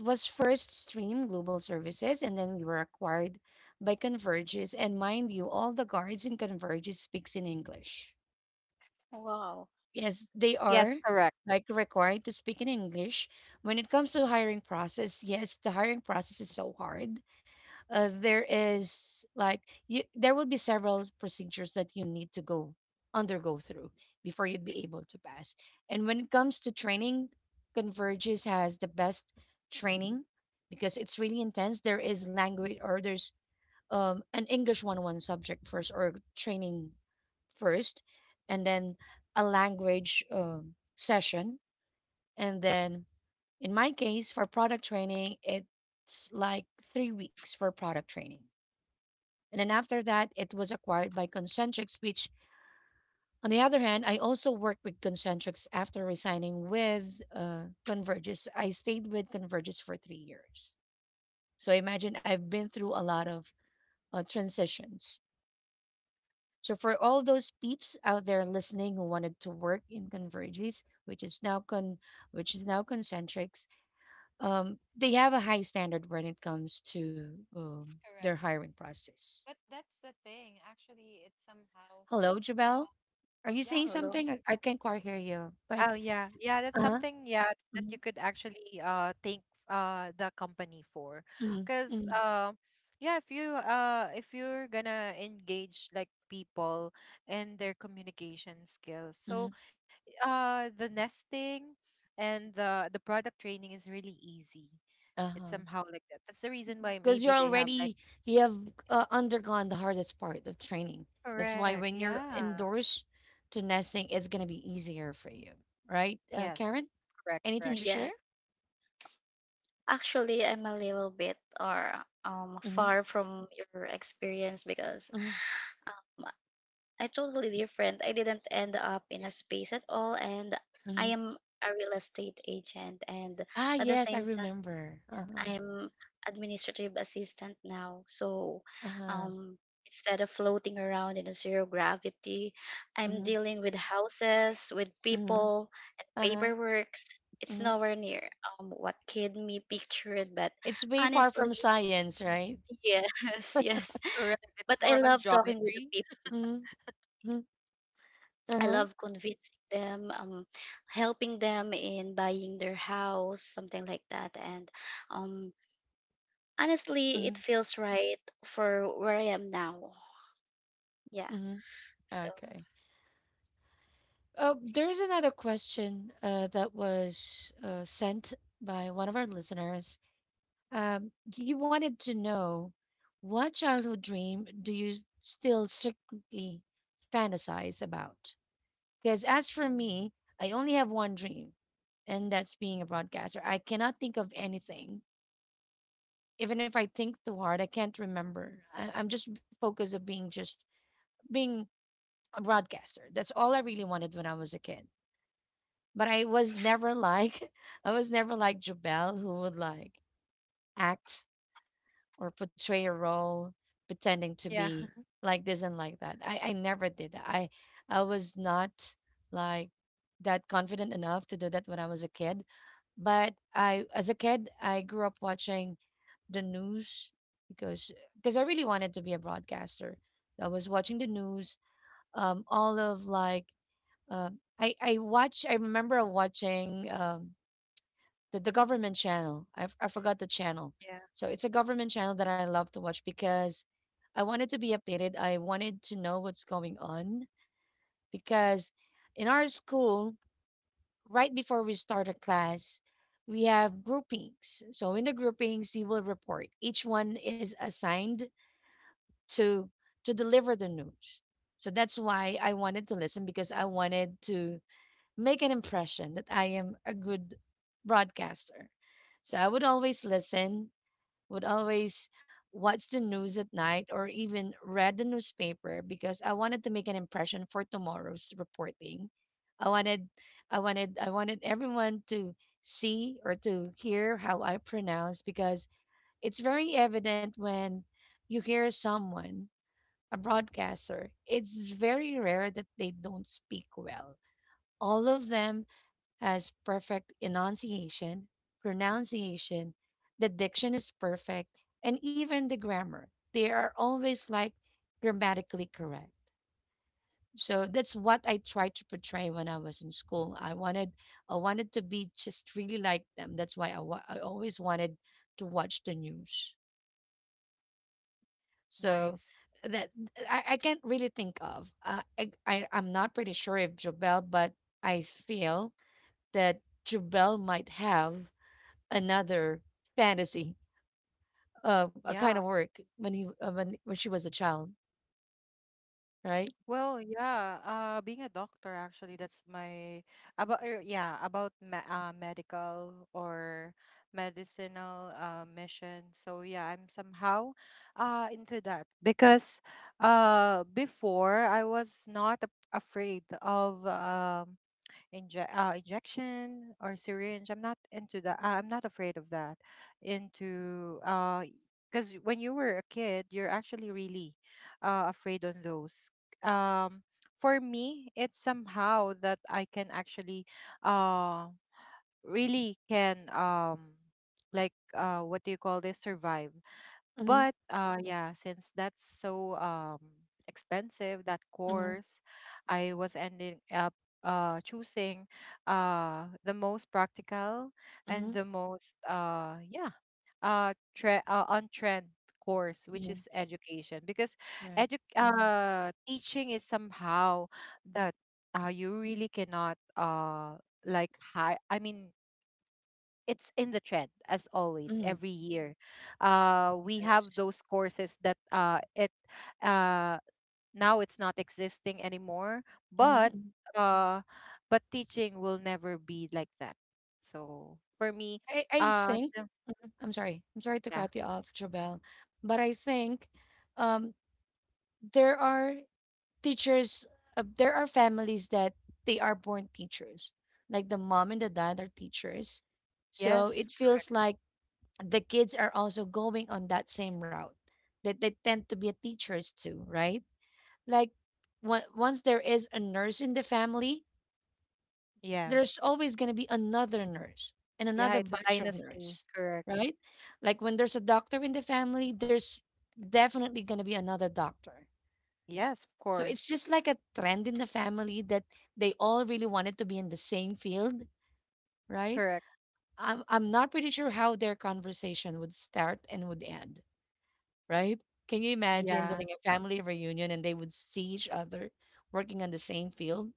[SPEAKER 1] was first Stream Global Services, and then we were acquired by Convergys. And mind you, all the guards in Convergys speaks in English.
[SPEAKER 2] Wow.
[SPEAKER 1] Yes, they
[SPEAKER 3] Yes,
[SPEAKER 1] are
[SPEAKER 3] correct.
[SPEAKER 1] like required to speak in English. When it comes to hiring process, yes, the hiring process is so hard, there is like you, there would be several procedures that you need to go undergo through before you'd be able to pass. And when it comes to training, Converges has the best training because it's really intense. There is language or there's an English 101 subject first or training first, and then a language session. And then in my case, for product training, it's like 3 weeks for product training. And then after that, it was acquired by Concentrix, which, on the other hand, I also worked with Concentrix after resigning with uh, Convergys. I stayed with Convergys for 3 years. So imagine I've been through a lot of transitions. So for all those peeps out there listening who wanted to work in Convergys, which is now Concentrix, they have a high standard when it comes to um, their
[SPEAKER 3] Correct.
[SPEAKER 1] hiring process.
[SPEAKER 3] But that's the thing. Actually, it's somehow,
[SPEAKER 1] Hello, Jabel.
[SPEAKER 3] uh,
[SPEAKER 1] Are you
[SPEAKER 3] yeah,
[SPEAKER 1] saying
[SPEAKER 3] for me.
[SPEAKER 2] Hello.
[SPEAKER 1] something? I can't quite hear you. But
[SPEAKER 3] Oh yeah, yeah, that's
[SPEAKER 1] uh-huh.
[SPEAKER 3] something, yeah, that you
[SPEAKER 1] Mm-hmm.
[SPEAKER 3] could actually, thank, the company for, because,
[SPEAKER 1] Mm-hmm.
[SPEAKER 3] yeah if you're gonna engage like people in their communication skills,
[SPEAKER 1] Mm-hmm.
[SPEAKER 3] so, the nesting and the product training is really easy. It's
[SPEAKER 1] Uh-huh.
[SPEAKER 3] somehow like that. That's the reason
[SPEAKER 2] Mm-hmm.
[SPEAKER 3] why
[SPEAKER 1] Because you're
[SPEAKER 3] maybe they have like.
[SPEAKER 1] already you have undergone the hardest part of training. That's why
[SPEAKER 3] Correct,
[SPEAKER 1] when you're
[SPEAKER 3] yeah.
[SPEAKER 1] indoors to nesting, it's gonna be easier for you, right?
[SPEAKER 3] Yes.
[SPEAKER 1] Karen,
[SPEAKER 3] Correct,
[SPEAKER 1] anything
[SPEAKER 3] correct.
[SPEAKER 1] to
[SPEAKER 2] Yeah.
[SPEAKER 1] share?
[SPEAKER 2] Actually, I'm a little bit or
[SPEAKER 1] Mm-hmm.
[SPEAKER 2] far from your experience because
[SPEAKER 1] Mm-hmm.
[SPEAKER 2] um I totally different. I didn't end up in a space at all, and I
[SPEAKER 1] Mm-hmm.
[SPEAKER 2] am a real estate agent, and
[SPEAKER 1] Ah,
[SPEAKER 2] at the
[SPEAKER 1] yes, I
[SPEAKER 2] same time,
[SPEAKER 1] remember. Uh-huh.
[SPEAKER 2] I'm administrative assistant now. So
[SPEAKER 1] Uh-huh.
[SPEAKER 2] um, instead of floating around in a zero gravity, I'm
[SPEAKER 1] Mm-hmm.
[SPEAKER 2] dealing with houses, with
[SPEAKER 1] Mm-hmm.
[SPEAKER 2] people, and
[SPEAKER 1] Uh-huh.
[SPEAKER 2] paperwork. It's
[SPEAKER 1] Mm-hmm.
[SPEAKER 2] nowhere near what kid me pictured, but
[SPEAKER 1] It's way far
[SPEAKER 2] honestly,
[SPEAKER 1] from science, right?
[SPEAKER 2] yes, yes.
[SPEAKER 3] Correct. It's
[SPEAKER 2] But I
[SPEAKER 3] more on
[SPEAKER 2] love talking with the
[SPEAKER 3] geometry.
[SPEAKER 2] people.
[SPEAKER 1] Mm-hmm.
[SPEAKER 2] I
[SPEAKER 1] Uh-huh.
[SPEAKER 2] love convincing them, helping them in buying their house, something like that. And um, honestly,
[SPEAKER 1] Mm-hmm.
[SPEAKER 2] it feels right for where I am now. Yeah.
[SPEAKER 1] Mm-hmm.
[SPEAKER 2] So,
[SPEAKER 1] Okay. There's another question that was sent by one of our listeners. He wanted to know what childhood dream do you still secretly fantasize about? Because as for me, I only have one dream, and that's being a broadcaster. I cannot think of anything. Even if I think too hard, I can't remember. I'm just focused on being just being a broadcaster. That's all I really wanted when I was a kid. But I was never like I was never like Jubel who would like act or portray a role pretending to
[SPEAKER 3] Yeah.
[SPEAKER 1] be like this and like that. I never did that. I was not like that confident enough to do that when I was a kid. But I as a kid I grew up watching the news because I really wanted to be a broadcaster. I was watching the news, all of like I remember watching the government channel. I forgot the channel.
[SPEAKER 3] Yeah.
[SPEAKER 1] So it's a government channel that I love to watch because I wanted to be updated. I wanted to know what's going on because in our school, right before we start a class, we have groupings. So in the groupings, you will report. Each one is assigned to to deliver the news. So that's why I wanted to listen because I wanted to make an impression that I am a good broadcaster. So I would always listen, would always watch the news at night or even read the newspaper because I wanted to make an impression for tomorrow's reporting. I wanted I wanted everyone to see or to hear how I pronounce because it's very evident when you hear someone a broadcaster it's very rare that they don't speak well all of them has perfect enunciation, pronunciation, the diction is perfect, and even the grammar. They are always like grammatically correct. So that's what I tried to portray when I was in school. I wanted to be just really like them. That's why I always wanted to watch the news. So
[SPEAKER 3] Nice.
[SPEAKER 1] that I can't really think of. I'm not pretty sure if Jobel, but I feel that Jobel might have another fantasy, a
[SPEAKER 3] Yeah.
[SPEAKER 1] kind of work when he when she was a child, right?
[SPEAKER 3] Well, yeah, being a doctor actually, that's my, about yeah, about me, medical or medicinal, mission. So yeah, I'm somehow into that. Because before, I was not a afraid of injection or syringe. I'm not into that. I'm not afraid of that. Into Because when you were a kid, you're actually really afraid on those. Um, for me, it's somehow that I can actually uh really can like, what do you call this, survive.
[SPEAKER 1] Mhm,
[SPEAKER 3] But yeah, since that's so expensive, that
[SPEAKER 1] mhm,
[SPEAKER 3] course, I was ending up choosing the most practical and
[SPEAKER 1] mhm,
[SPEAKER 3] the most yeah, tre on trend course, which
[SPEAKER 1] mhm.
[SPEAKER 3] is education. Because
[SPEAKER 1] Right.
[SPEAKER 3] edu
[SPEAKER 1] Uh-huh.
[SPEAKER 3] teaching is somehow that you really cannot, like, high, I mean, it's in the trend as always
[SPEAKER 1] Mhm.
[SPEAKER 3] every year, we have
[SPEAKER 1] Yes.
[SPEAKER 3] those courses that it uh now it's not existing anymore,
[SPEAKER 1] Mhm.
[SPEAKER 3] but
[SPEAKER 1] mhm.
[SPEAKER 3] uh but teaching will never be like that. So for me,
[SPEAKER 1] I
[SPEAKER 3] uh
[SPEAKER 1] think
[SPEAKER 3] so-
[SPEAKER 1] mhm. I'm sorry to
[SPEAKER 3] yeah.
[SPEAKER 1] cut you off, Jobel, but I think um there are teachers. There are families that they are born teachers, like the mom and the dad are teachers. So
[SPEAKER 3] Yes,
[SPEAKER 1] it feels like the kids are also going on that same route that they tend to be teachers too, right? Like, once there is a nurse in the family, there's
[SPEAKER 3] yes.
[SPEAKER 1] always going to be another nurse and
[SPEAKER 3] Yeah,
[SPEAKER 1] another
[SPEAKER 3] it's a
[SPEAKER 1] batch of
[SPEAKER 3] dynasty,
[SPEAKER 1] nurse,
[SPEAKER 3] correct.
[SPEAKER 1] right? Like when there's a doctor in the family, there's definitely going to be another doctor.
[SPEAKER 3] Yes, of
[SPEAKER 1] So it's
[SPEAKER 3] course.
[SPEAKER 1] just like a trend in the family that they all really wanted to be in the same field, right?
[SPEAKER 3] Correct.
[SPEAKER 1] I'm not pretty sure how their conversation would start and would end, right? Can you imagine
[SPEAKER 3] Yeah,
[SPEAKER 1] doing a family reunion and they would see each other working on the same field?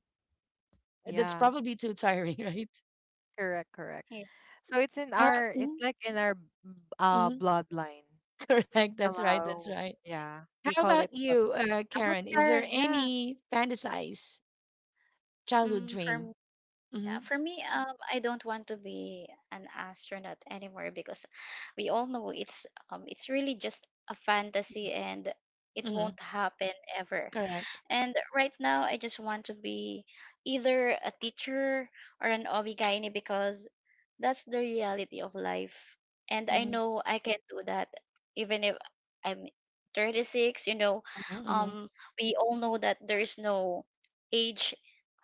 [SPEAKER 1] That's
[SPEAKER 3] yeah.
[SPEAKER 1] probably too tiring, right?
[SPEAKER 3] Correct, correct.
[SPEAKER 2] yeah.
[SPEAKER 3] So it's in
[SPEAKER 1] Uh,
[SPEAKER 3] our, it's
[SPEAKER 1] mhm,
[SPEAKER 3] like in our b- uh
[SPEAKER 1] mhm,
[SPEAKER 3] bloodline
[SPEAKER 1] correct. That's right. That's
[SPEAKER 3] somehow.
[SPEAKER 1] right.
[SPEAKER 3] Yeah, we
[SPEAKER 1] How
[SPEAKER 3] call it.
[SPEAKER 1] about
[SPEAKER 3] But
[SPEAKER 1] you,
[SPEAKER 3] how about
[SPEAKER 1] Karen? Is there
[SPEAKER 3] Karen? Yeah.
[SPEAKER 1] any fantasize childhood
[SPEAKER 2] Mm, for
[SPEAKER 1] dream?
[SPEAKER 2] m-
[SPEAKER 1] Hmm,
[SPEAKER 2] yeah, for me, I don't want to be an astronaut anymore because we all know it's really just a fantasy, and it
[SPEAKER 1] hmm.
[SPEAKER 2] won't happen ever.
[SPEAKER 1] Correct.
[SPEAKER 2] And right now, I just want to be either a teacher or an obigaini because that's the reality of life. And I
[SPEAKER 1] Hmm,
[SPEAKER 2] know I can do that even if I'm 36,
[SPEAKER 1] hmm, hmm.
[SPEAKER 2] um, we all know that there is no age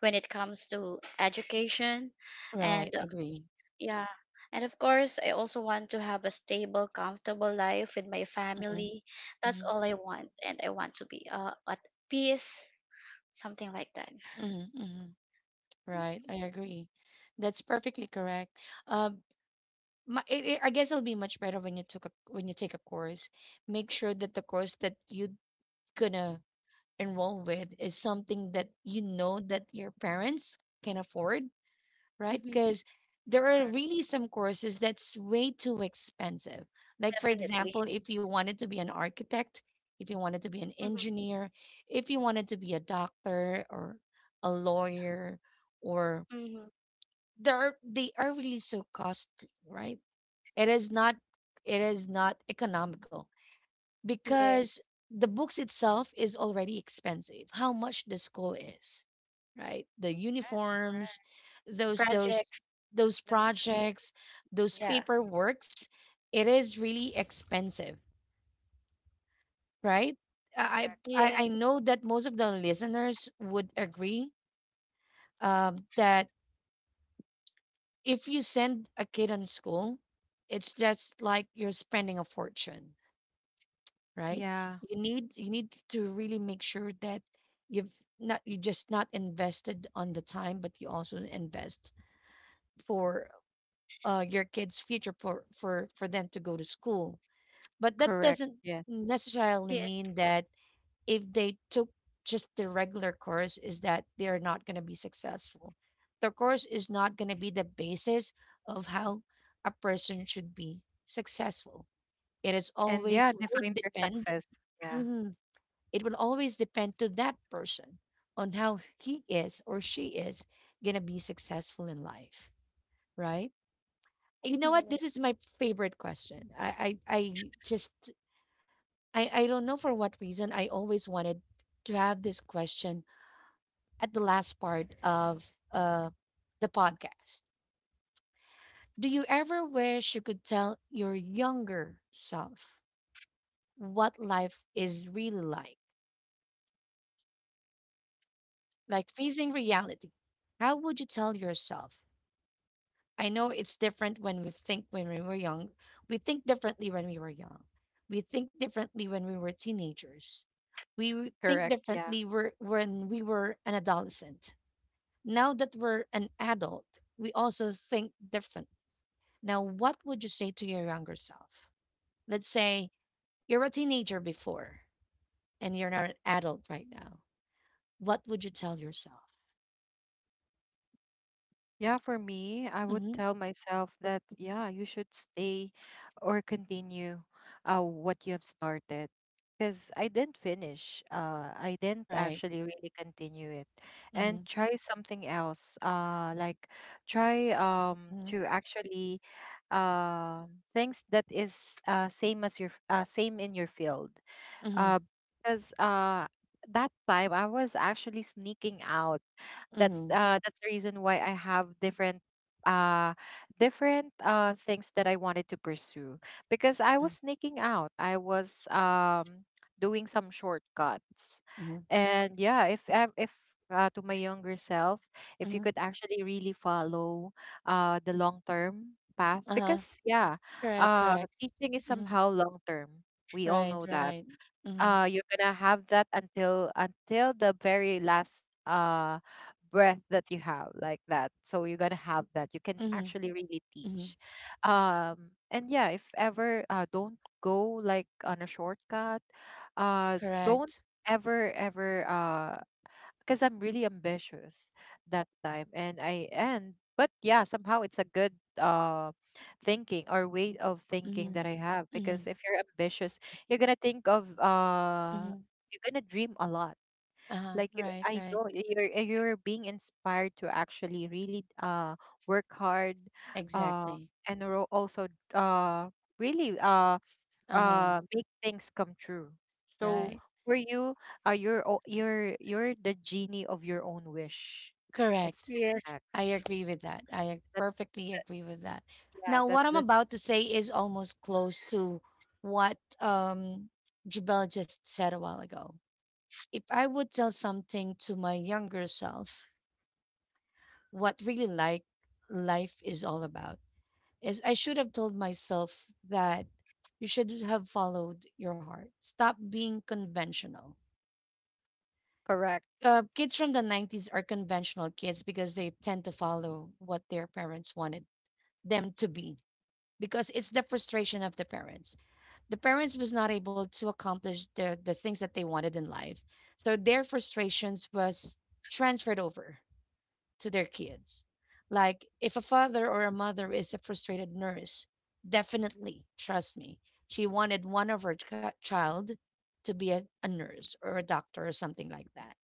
[SPEAKER 2] when it comes to education. And
[SPEAKER 1] Right. Agree.
[SPEAKER 2] yeah, and of course, I also want to have a stable, comfortable life with my
[SPEAKER 1] Hmm,
[SPEAKER 2] family. That's
[SPEAKER 1] hmm,
[SPEAKER 2] all I want. And I want to be at peace, something like that.
[SPEAKER 1] hmm, hmm. Right. I agree. That's perfectly correct. Uh, my, it, it, I guess it'll be much better when you took a when you take a course. Make sure that the course that you're gonna enroll with is something that you know that your parents can afford, right?
[SPEAKER 2] Mhm.
[SPEAKER 1] Because there are
[SPEAKER 3] Correct.
[SPEAKER 1] really some courses that's way too expensive. Like for
[SPEAKER 2] Definitely.
[SPEAKER 1] example, if you wanted to be an architect, if you wanted to be an
[SPEAKER 2] Mhm.
[SPEAKER 1] engineer, if you wanted to be a doctor or a lawyer, or
[SPEAKER 2] Mhm.
[SPEAKER 1] there are, they are really so costly, right? It is not it is not economical
[SPEAKER 2] Yes.
[SPEAKER 1] because the books itself is already expensive. How much the school is, right? The
[SPEAKER 3] Yes,
[SPEAKER 1] uniforms,
[SPEAKER 3] correct.
[SPEAKER 1] those
[SPEAKER 2] Projects.
[SPEAKER 1] those
[SPEAKER 3] The
[SPEAKER 1] projects,
[SPEAKER 3] miscellaneous.
[SPEAKER 1] those
[SPEAKER 2] Yeah.
[SPEAKER 3] Yes,
[SPEAKER 1] paperworks, it is really expensive, right? I
[SPEAKER 3] correct,
[SPEAKER 1] I
[SPEAKER 3] correct.
[SPEAKER 2] Yes.
[SPEAKER 1] know that most of the listeners would agree that if you send a kid on school, it's just like you're spending a fortune, right?
[SPEAKER 3] Yeah,
[SPEAKER 1] You need to really make sure that you've not you just not invested on the time, but you also invest for your kids' future for for them to go to school. But that
[SPEAKER 3] correct.
[SPEAKER 1] doesn't
[SPEAKER 3] Yes.
[SPEAKER 1] necessarily
[SPEAKER 2] Yes.
[SPEAKER 1] mean that if they took just the regular course, is that they're not going to be successful. The course is not going to be the basis of how a person should be successful. It is
[SPEAKER 3] And
[SPEAKER 1] always
[SPEAKER 3] yeah,
[SPEAKER 1] will
[SPEAKER 3] define your
[SPEAKER 1] depend.
[SPEAKER 3] success. Yeah,
[SPEAKER 1] Mhm. It will always depend to that person on how he is or she is gonna be successful in life, right? You know what?
[SPEAKER 2] Yes.
[SPEAKER 1] This is my favorite question. I don't know for what reason I always wanted to have this question at the last part of uh the podcast. Do you ever wish you could tell your younger self what life is really like? Like facing reality. How would you tell yourself I know it's different when we were young. We think differently when we were young. We think differently when we were teenagers. We w-
[SPEAKER 3] correct.
[SPEAKER 1] think
[SPEAKER 3] Yeah.
[SPEAKER 1] differently when we were an adolescent. Now that we're an adult, we also think different. Now, what would you say to your younger self? Let's say you're a teenager before and you're not an adult right now. What would you tell yourself?
[SPEAKER 3] Yeah, for me, I would
[SPEAKER 1] Mm-hmm.
[SPEAKER 3] tell myself that, yeah, you should stay or continue what you have started. Because I didn't finish. I didn't
[SPEAKER 1] Right.
[SPEAKER 3] actually really continue it.
[SPEAKER 1] Mm-hmm.
[SPEAKER 3] And try something else. Like, try
[SPEAKER 1] Mm-hmm.
[SPEAKER 3] to actually, things that is same as your same in your field.
[SPEAKER 1] Mm-hmm.
[SPEAKER 3] Uh, because that time I was actually sneaking out. That's
[SPEAKER 1] Mm-hmm.
[SPEAKER 3] uh that's the reason why I have uh different things that I wanted to pursue, because I was sneaking out. I was doing some shortcuts.
[SPEAKER 1] Mm-hmm.
[SPEAKER 3] And yeah, if ev- if to my younger self, if you
[SPEAKER 1] Mm-hmm.
[SPEAKER 3] could actually really follow the long term path.
[SPEAKER 1] Uh-huh.
[SPEAKER 3] Because yeah,
[SPEAKER 1] Correct, correct.
[SPEAKER 3] teaching is
[SPEAKER 1] Hmm.
[SPEAKER 3] somehow long term. We all
[SPEAKER 1] Right,
[SPEAKER 3] know that
[SPEAKER 1] right. Hmm,
[SPEAKER 3] you're gonna have that until the very last breath that you have, like that. So you're gonna have that, you can
[SPEAKER 1] hmm,
[SPEAKER 3] actually really
[SPEAKER 1] hmm.
[SPEAKER 3] teach, and yeah, if ever, don't go like on a shortcut. uh don't
[SPEAKER 1] Correct.
[SPEAKER 3] ever, ever, because I'm really ambitious that time. And, I and but yeah, somehow it's a good uh thinking, or way of thinking
[SPEAKER 1] Hmm,
[SPEAKER 3] that I have. Because
[SPEAKER 1] hmm,
[SPEAKER 3] if you're ambitious, you're gonna think of
[SPEAKER 1] hmm.
[SPEAKER 3] you're gonna dream a lot.
[SPEAKER 1] Uh-huh.
[SPEAKER 3] Like, you,
[SPEAKER 1] Right,
[SPEAKER 3] I
[SPEAKER 1] right.
[SPEAKER 3] know you're being inspired to actually really work hard, uh
[SPEAKER 1] Exactly.
[SPEAKER 3] and ro- also uh really uh
[SPEAKER 1] Uh-huh.
[SPEAKER 3] uh make things come true. So
[SPEAKER 1] Right.
[SPEAKER 2] Mhm.
[SPEAKER 3] for you, you're o- you're you're the genie of your own wish. It's
[SPEAKER 1] Correct.
[SPEAKER 3] like
[SPEAKER 2] Yes.
[SPEAKER 3] that.
[SPEAKER 1] I agree with that.
[SPEAKER 3] That's
[SPEAKER 1] Perfectly
[SPEAKER 3] the,
[SPEAKER 1] agree with that.
[SPEAKER 3] yeah,
[SPEAKER 1] Now, what
[SPEAKER 3] that's
[SPEAKER 1] I'm
[SPEAKER 3] the
[SPEAKER 1] about to say is almost close to what Jabel just said a while ago. If I would tell something to my younger self, what really like life is all about is I should have told myself that you should have followed your heart. Stop being conventional.
[SPEAKER 3] Correct.
[SPEAKER 1] Kids from the 90s are conventional kids because they tend to follow what their parents wanted them to be because it's the frustration of the parents. The parents was not able to accomplish the things that they wanted in life. So their frustrations was transferred over to their kids. Like, if a father or a mother is a frustrated nurse, definitely, trust me, she wanted one of her child to be a nurse or a doctor or something like that.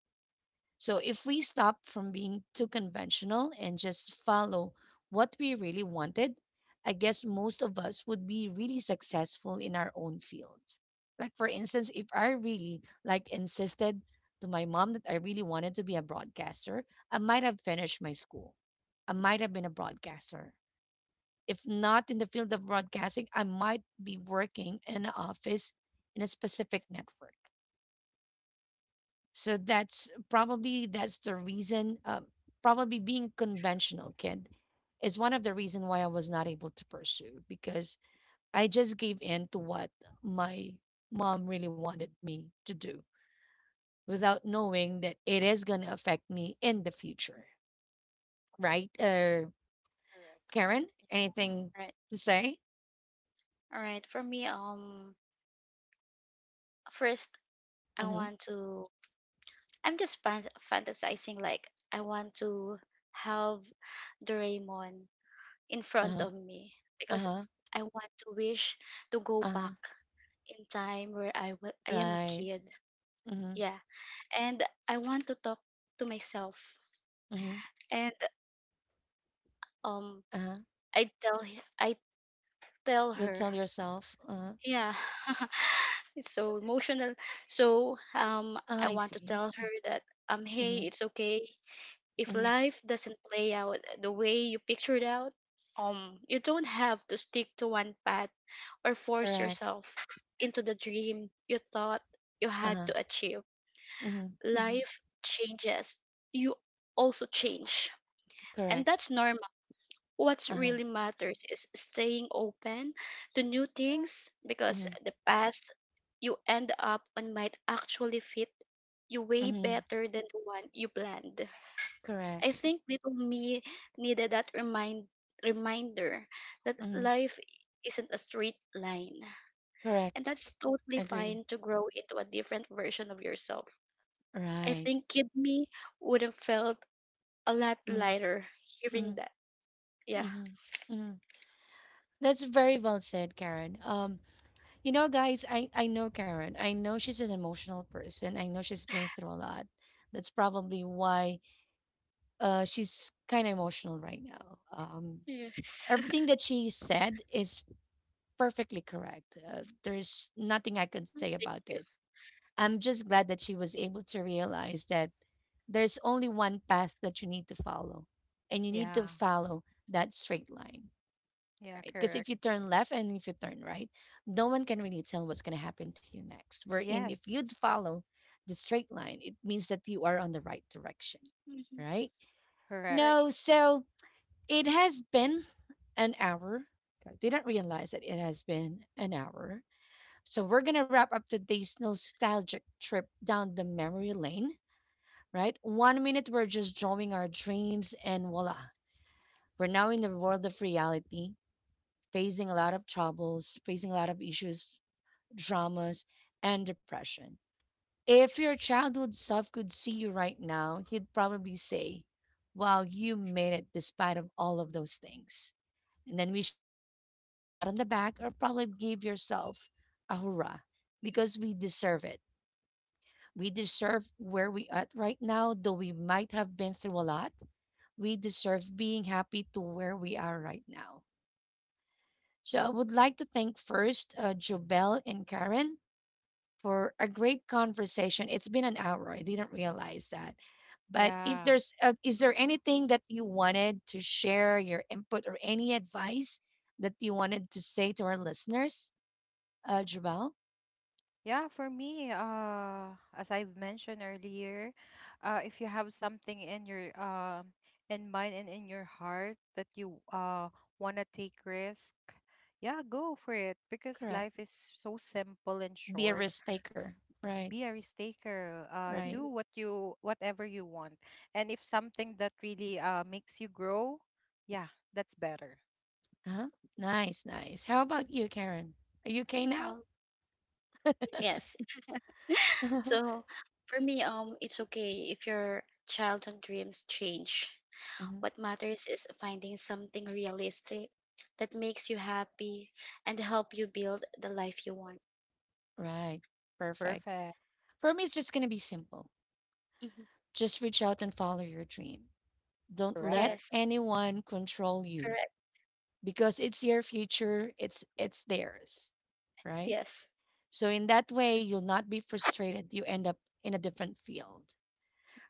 [SPEAKER 1] So if we stop from being too conventional and just follow what we really wanted, I guess most of us would be really successful in our own fields. Like for instance, if I really insisted to my mom that I really wanted to be a broadcaster, I might have finished my school. I might have been a broadcaster. If not in the field of broadcasting, I might be working in an office in a specific network. So that's the reason. Probably being conventional, kid, is one of the reason why I was not able to pursue because I just gave in to what my mom really wanted me to do without knowing that it is going to affect me in the future. Right,
[SPEAKER 3] Correct.
[SPEAKER 1] Karen? Anything
[SPEAKER 2] Right.
[SPEAKER 1] to say?
[SPEAKER 2] All right. For me, first I
[SPEAKER 1] Mm-hmm.
[SPEAKER 2] want to. I'm just fantasizing like I want to have Doraemon in
[SPEAKER 1] Uh
[SPEAKER 2] front
[SPEAKER 1] huh.
[SPEAKER 2] of me
[SPEAKER 1] Uh
[SPEAKER 2] because
[SPEAKER 1] huh.
[SPEAKER 2] I want to wish to go
[SPEAKER 1] Uh huh.
[SPEAKER 2] back in time where I am a
[SPEAKER 1] Right.
[SPEAKER 2] kid.
[SPEAKER 1] Mm-hmm.
[SPEAKER 2] Yeah. And I want to talk to myself,
[SPEAKER 1] Mm-hmm.
[SPEAKER 2] and um
[SPEAKER 1] Uh huh.
[SPEAKER 2] I tell
[SPEAKER 1] You'll
[SPEAKER 2] her,
[SPEAKER 1] tell yourself.
[SPEAKER 2] yeah, it's so emotional. So I
[SPEAKER 1] I
[SPEAKER 2] want to
[SPEAKER 1] see.
[SPEAKER 2] tell her that hey,
[SPEAKER 1] Mm-hmm.
[SPEAKER 2] it's okay if life doesn't play out the way you pictured out. You don't have to stick to one path or force
[SPEAKER 1] Mm-hmm.
[SPEAKER 2] yourself into the dream you thought you had
[SPEAKER 1] Uh-huh.
[SPEAKER 2] to achieve.
[SPEAKER 1] Mhm. Mhm.
[SPEAKER 2] Life changes. You also change, and
[SPEAKER 1] Correct.
[SPEAKER 2] that's normal. What
[SPEAKER 1] Uh-huh.
[SPEAKER 2] really matters is staying open to new things because
[SPEAKER 1] Mhm.
[SPEAKER 2] the path you end up on might actually fit you way
[SPEAKER 1] Mhm.
[SPEAKER 2] better than the one you planned. I
[SPEAKER 1] Correct.
[SPEAKER 2] think little me needed that reminder that
[SPEAKER 1] Mhm.
[SPEAKER 2] life isn't a straight line. And
[SPEAKER 1] Correct.
[SPEAKER 2] that's totally
[SPEAKER 1] Agree.
[SPEAKER 2] fine to grow into a different version of yourself. I
[SPEAKER 1] Right.
[SPEAKER 2] think kid me would have felt a lot
[SPEAKER 1] Mhm.
[SPEAKER 2] lighter hearing
[SPEAKER 1] Mhm.
[SPEAKER 2] that. Yeah.
[SPEAKER 1] Mhm. Mhm. That's very well said, Karen. Guys, I know Karen. I know she's an emotional person. I know she's been through a lot. That's probably why she's kind of emotional right now.
[SPEAKER 2] Yes.
[SPEAKER 1] Everything that she said is perfectly correct. There's nothing I can say
[SPEAKER 2] Thank
[SPEAKER 1] about it.
[SPEAKER 2] you.
[SPEAKER 1] I'm just glad that she was able to realize that there's only one path that you need to follow, and you need
[SPEAKER 3] Yeah.
[SPEAKER 1] to follow that straight line,
[SPEAKER 3] Yeah,
[SPEAKER 1] right? Because
[SPEAKER 3] correct.
[SPEAKER 1] if you turn left and if you turn right, no one can really tell what's going to happen to you next. Wherein, if you'd
[SPEAKER 3] Yes.
[SPEAKER 1] follow the straight line, it means that you are on the right direction,
[SPEAKER 2] Mm-hmm.
[SPEAKER 1] right?
[SPEAKER 3] Correct.
[SPEAKER 2] Right.
[SPEAKER 1] No, so it has been an hour. I didn't realize that it has been an hour. So we're gonna wrap up today's nostalgic trip down the memory lane, right? One minute we're just drawing our dreams, and voila, we're now in the world of reality, facing a lot of troubles, facing a lot of issues, dramas, and depression. If your childhood self could see you right now, he'd probably say, wow, you made it despite of all of those things. And then we should give ourselves a pat on the back or probably give yourself a hurrah because we deserve it. We deserve where we at right now, though we might have been through a lot. We deserve being happy to where we are right now. So I would like to thank first Jobel and Karen for a great conversation. It's been an hour. I didn't realize that. But if
[SPEAKER 3] Yeah.
[SPEAKER 1] is there anything that you wanted to share, your input or any advice that you wanted to say to our listeners, Jobel?
[SPEAKER 3] Yeah, for me, as I've mentioned earlier, if you have something in your in mind and in your heart that you wanna take risk, yeah, go for it because
[SPEAKER 1] Correct.
[SPEAKER 3] life is so simple and
[SPEAKER 1] Be a
[SPEAKER 3] short.
[SPEAKER 1] risk
[SPEAKER 3] S-
[SPEAKER 1] taker. Right.
[SPEAKER 3] Be a risk taker.
[SPEAKER 1] Right.
[SPEAKER 3] Do
[SPEAKER 2] Mhm.
[SPEAKER 3] whatever you want, and if something that really makes you grow, yeah, that's better.
[SPEAKER 1] Uh-huh. Nice, nice. How about you, Karen? Are you okay now?
[SPEAKER 2] Um, yes. So for me, it's okay if your childhood dreams change.
[SPEAKER 1] Mhm.
[SPEAKER 2] What matters is finding something realistic that makes you happy and help you build the life you want.
[SPEAKER 1] Right. Perfect.
[SPEAKER 3] Perfect.
[SPEAKER 1] For me, it's just going to be simple.
[SPEAKER 2] Mhm.
[SPEAKER 1] Just reach out and follow your dream. Don't let
[SPEAKER 3] Correct.
[SPEAKER 2] Yes.
[SPEAKER 1] anyone control you
[SPEAKER 2] Correct.
[SPEAKER 1] because it's your future, it's theirs, right?
[SPEAKER 2] Yes.
[SPEAKER 1] So in that way, you'll not be frustrated. You end up in a different field.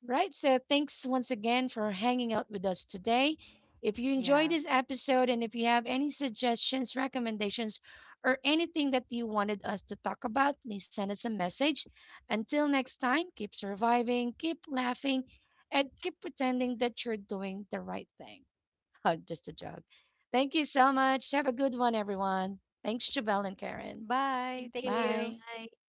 [SPEAKER 2] Mhm.
[SPEAKER 1] Right, so thanks once again for hanging out with us today. If you enjoyed
[SPEAKER 3] Yeah.
[SPEAKER 1] this episode and if you have any suggestions, recommendations, or anything that you wanted us to talk about, please send us a message. Until next time, keep surviving, keep laughing, and keep pretending that you're doing the right thing. Just a joke. Thank you so much. Have a good one, everyone. Thanks, Jabel and Karen.
[SPEAKER 3] Bye.
[SPEAKER 2] Thank
[SPEAKER 3] Thank
[SPEAKER 2] you.
[SPEAKER 3] you.
[SPEAKER 1] Bye.
[SPEAKER 2] Bye.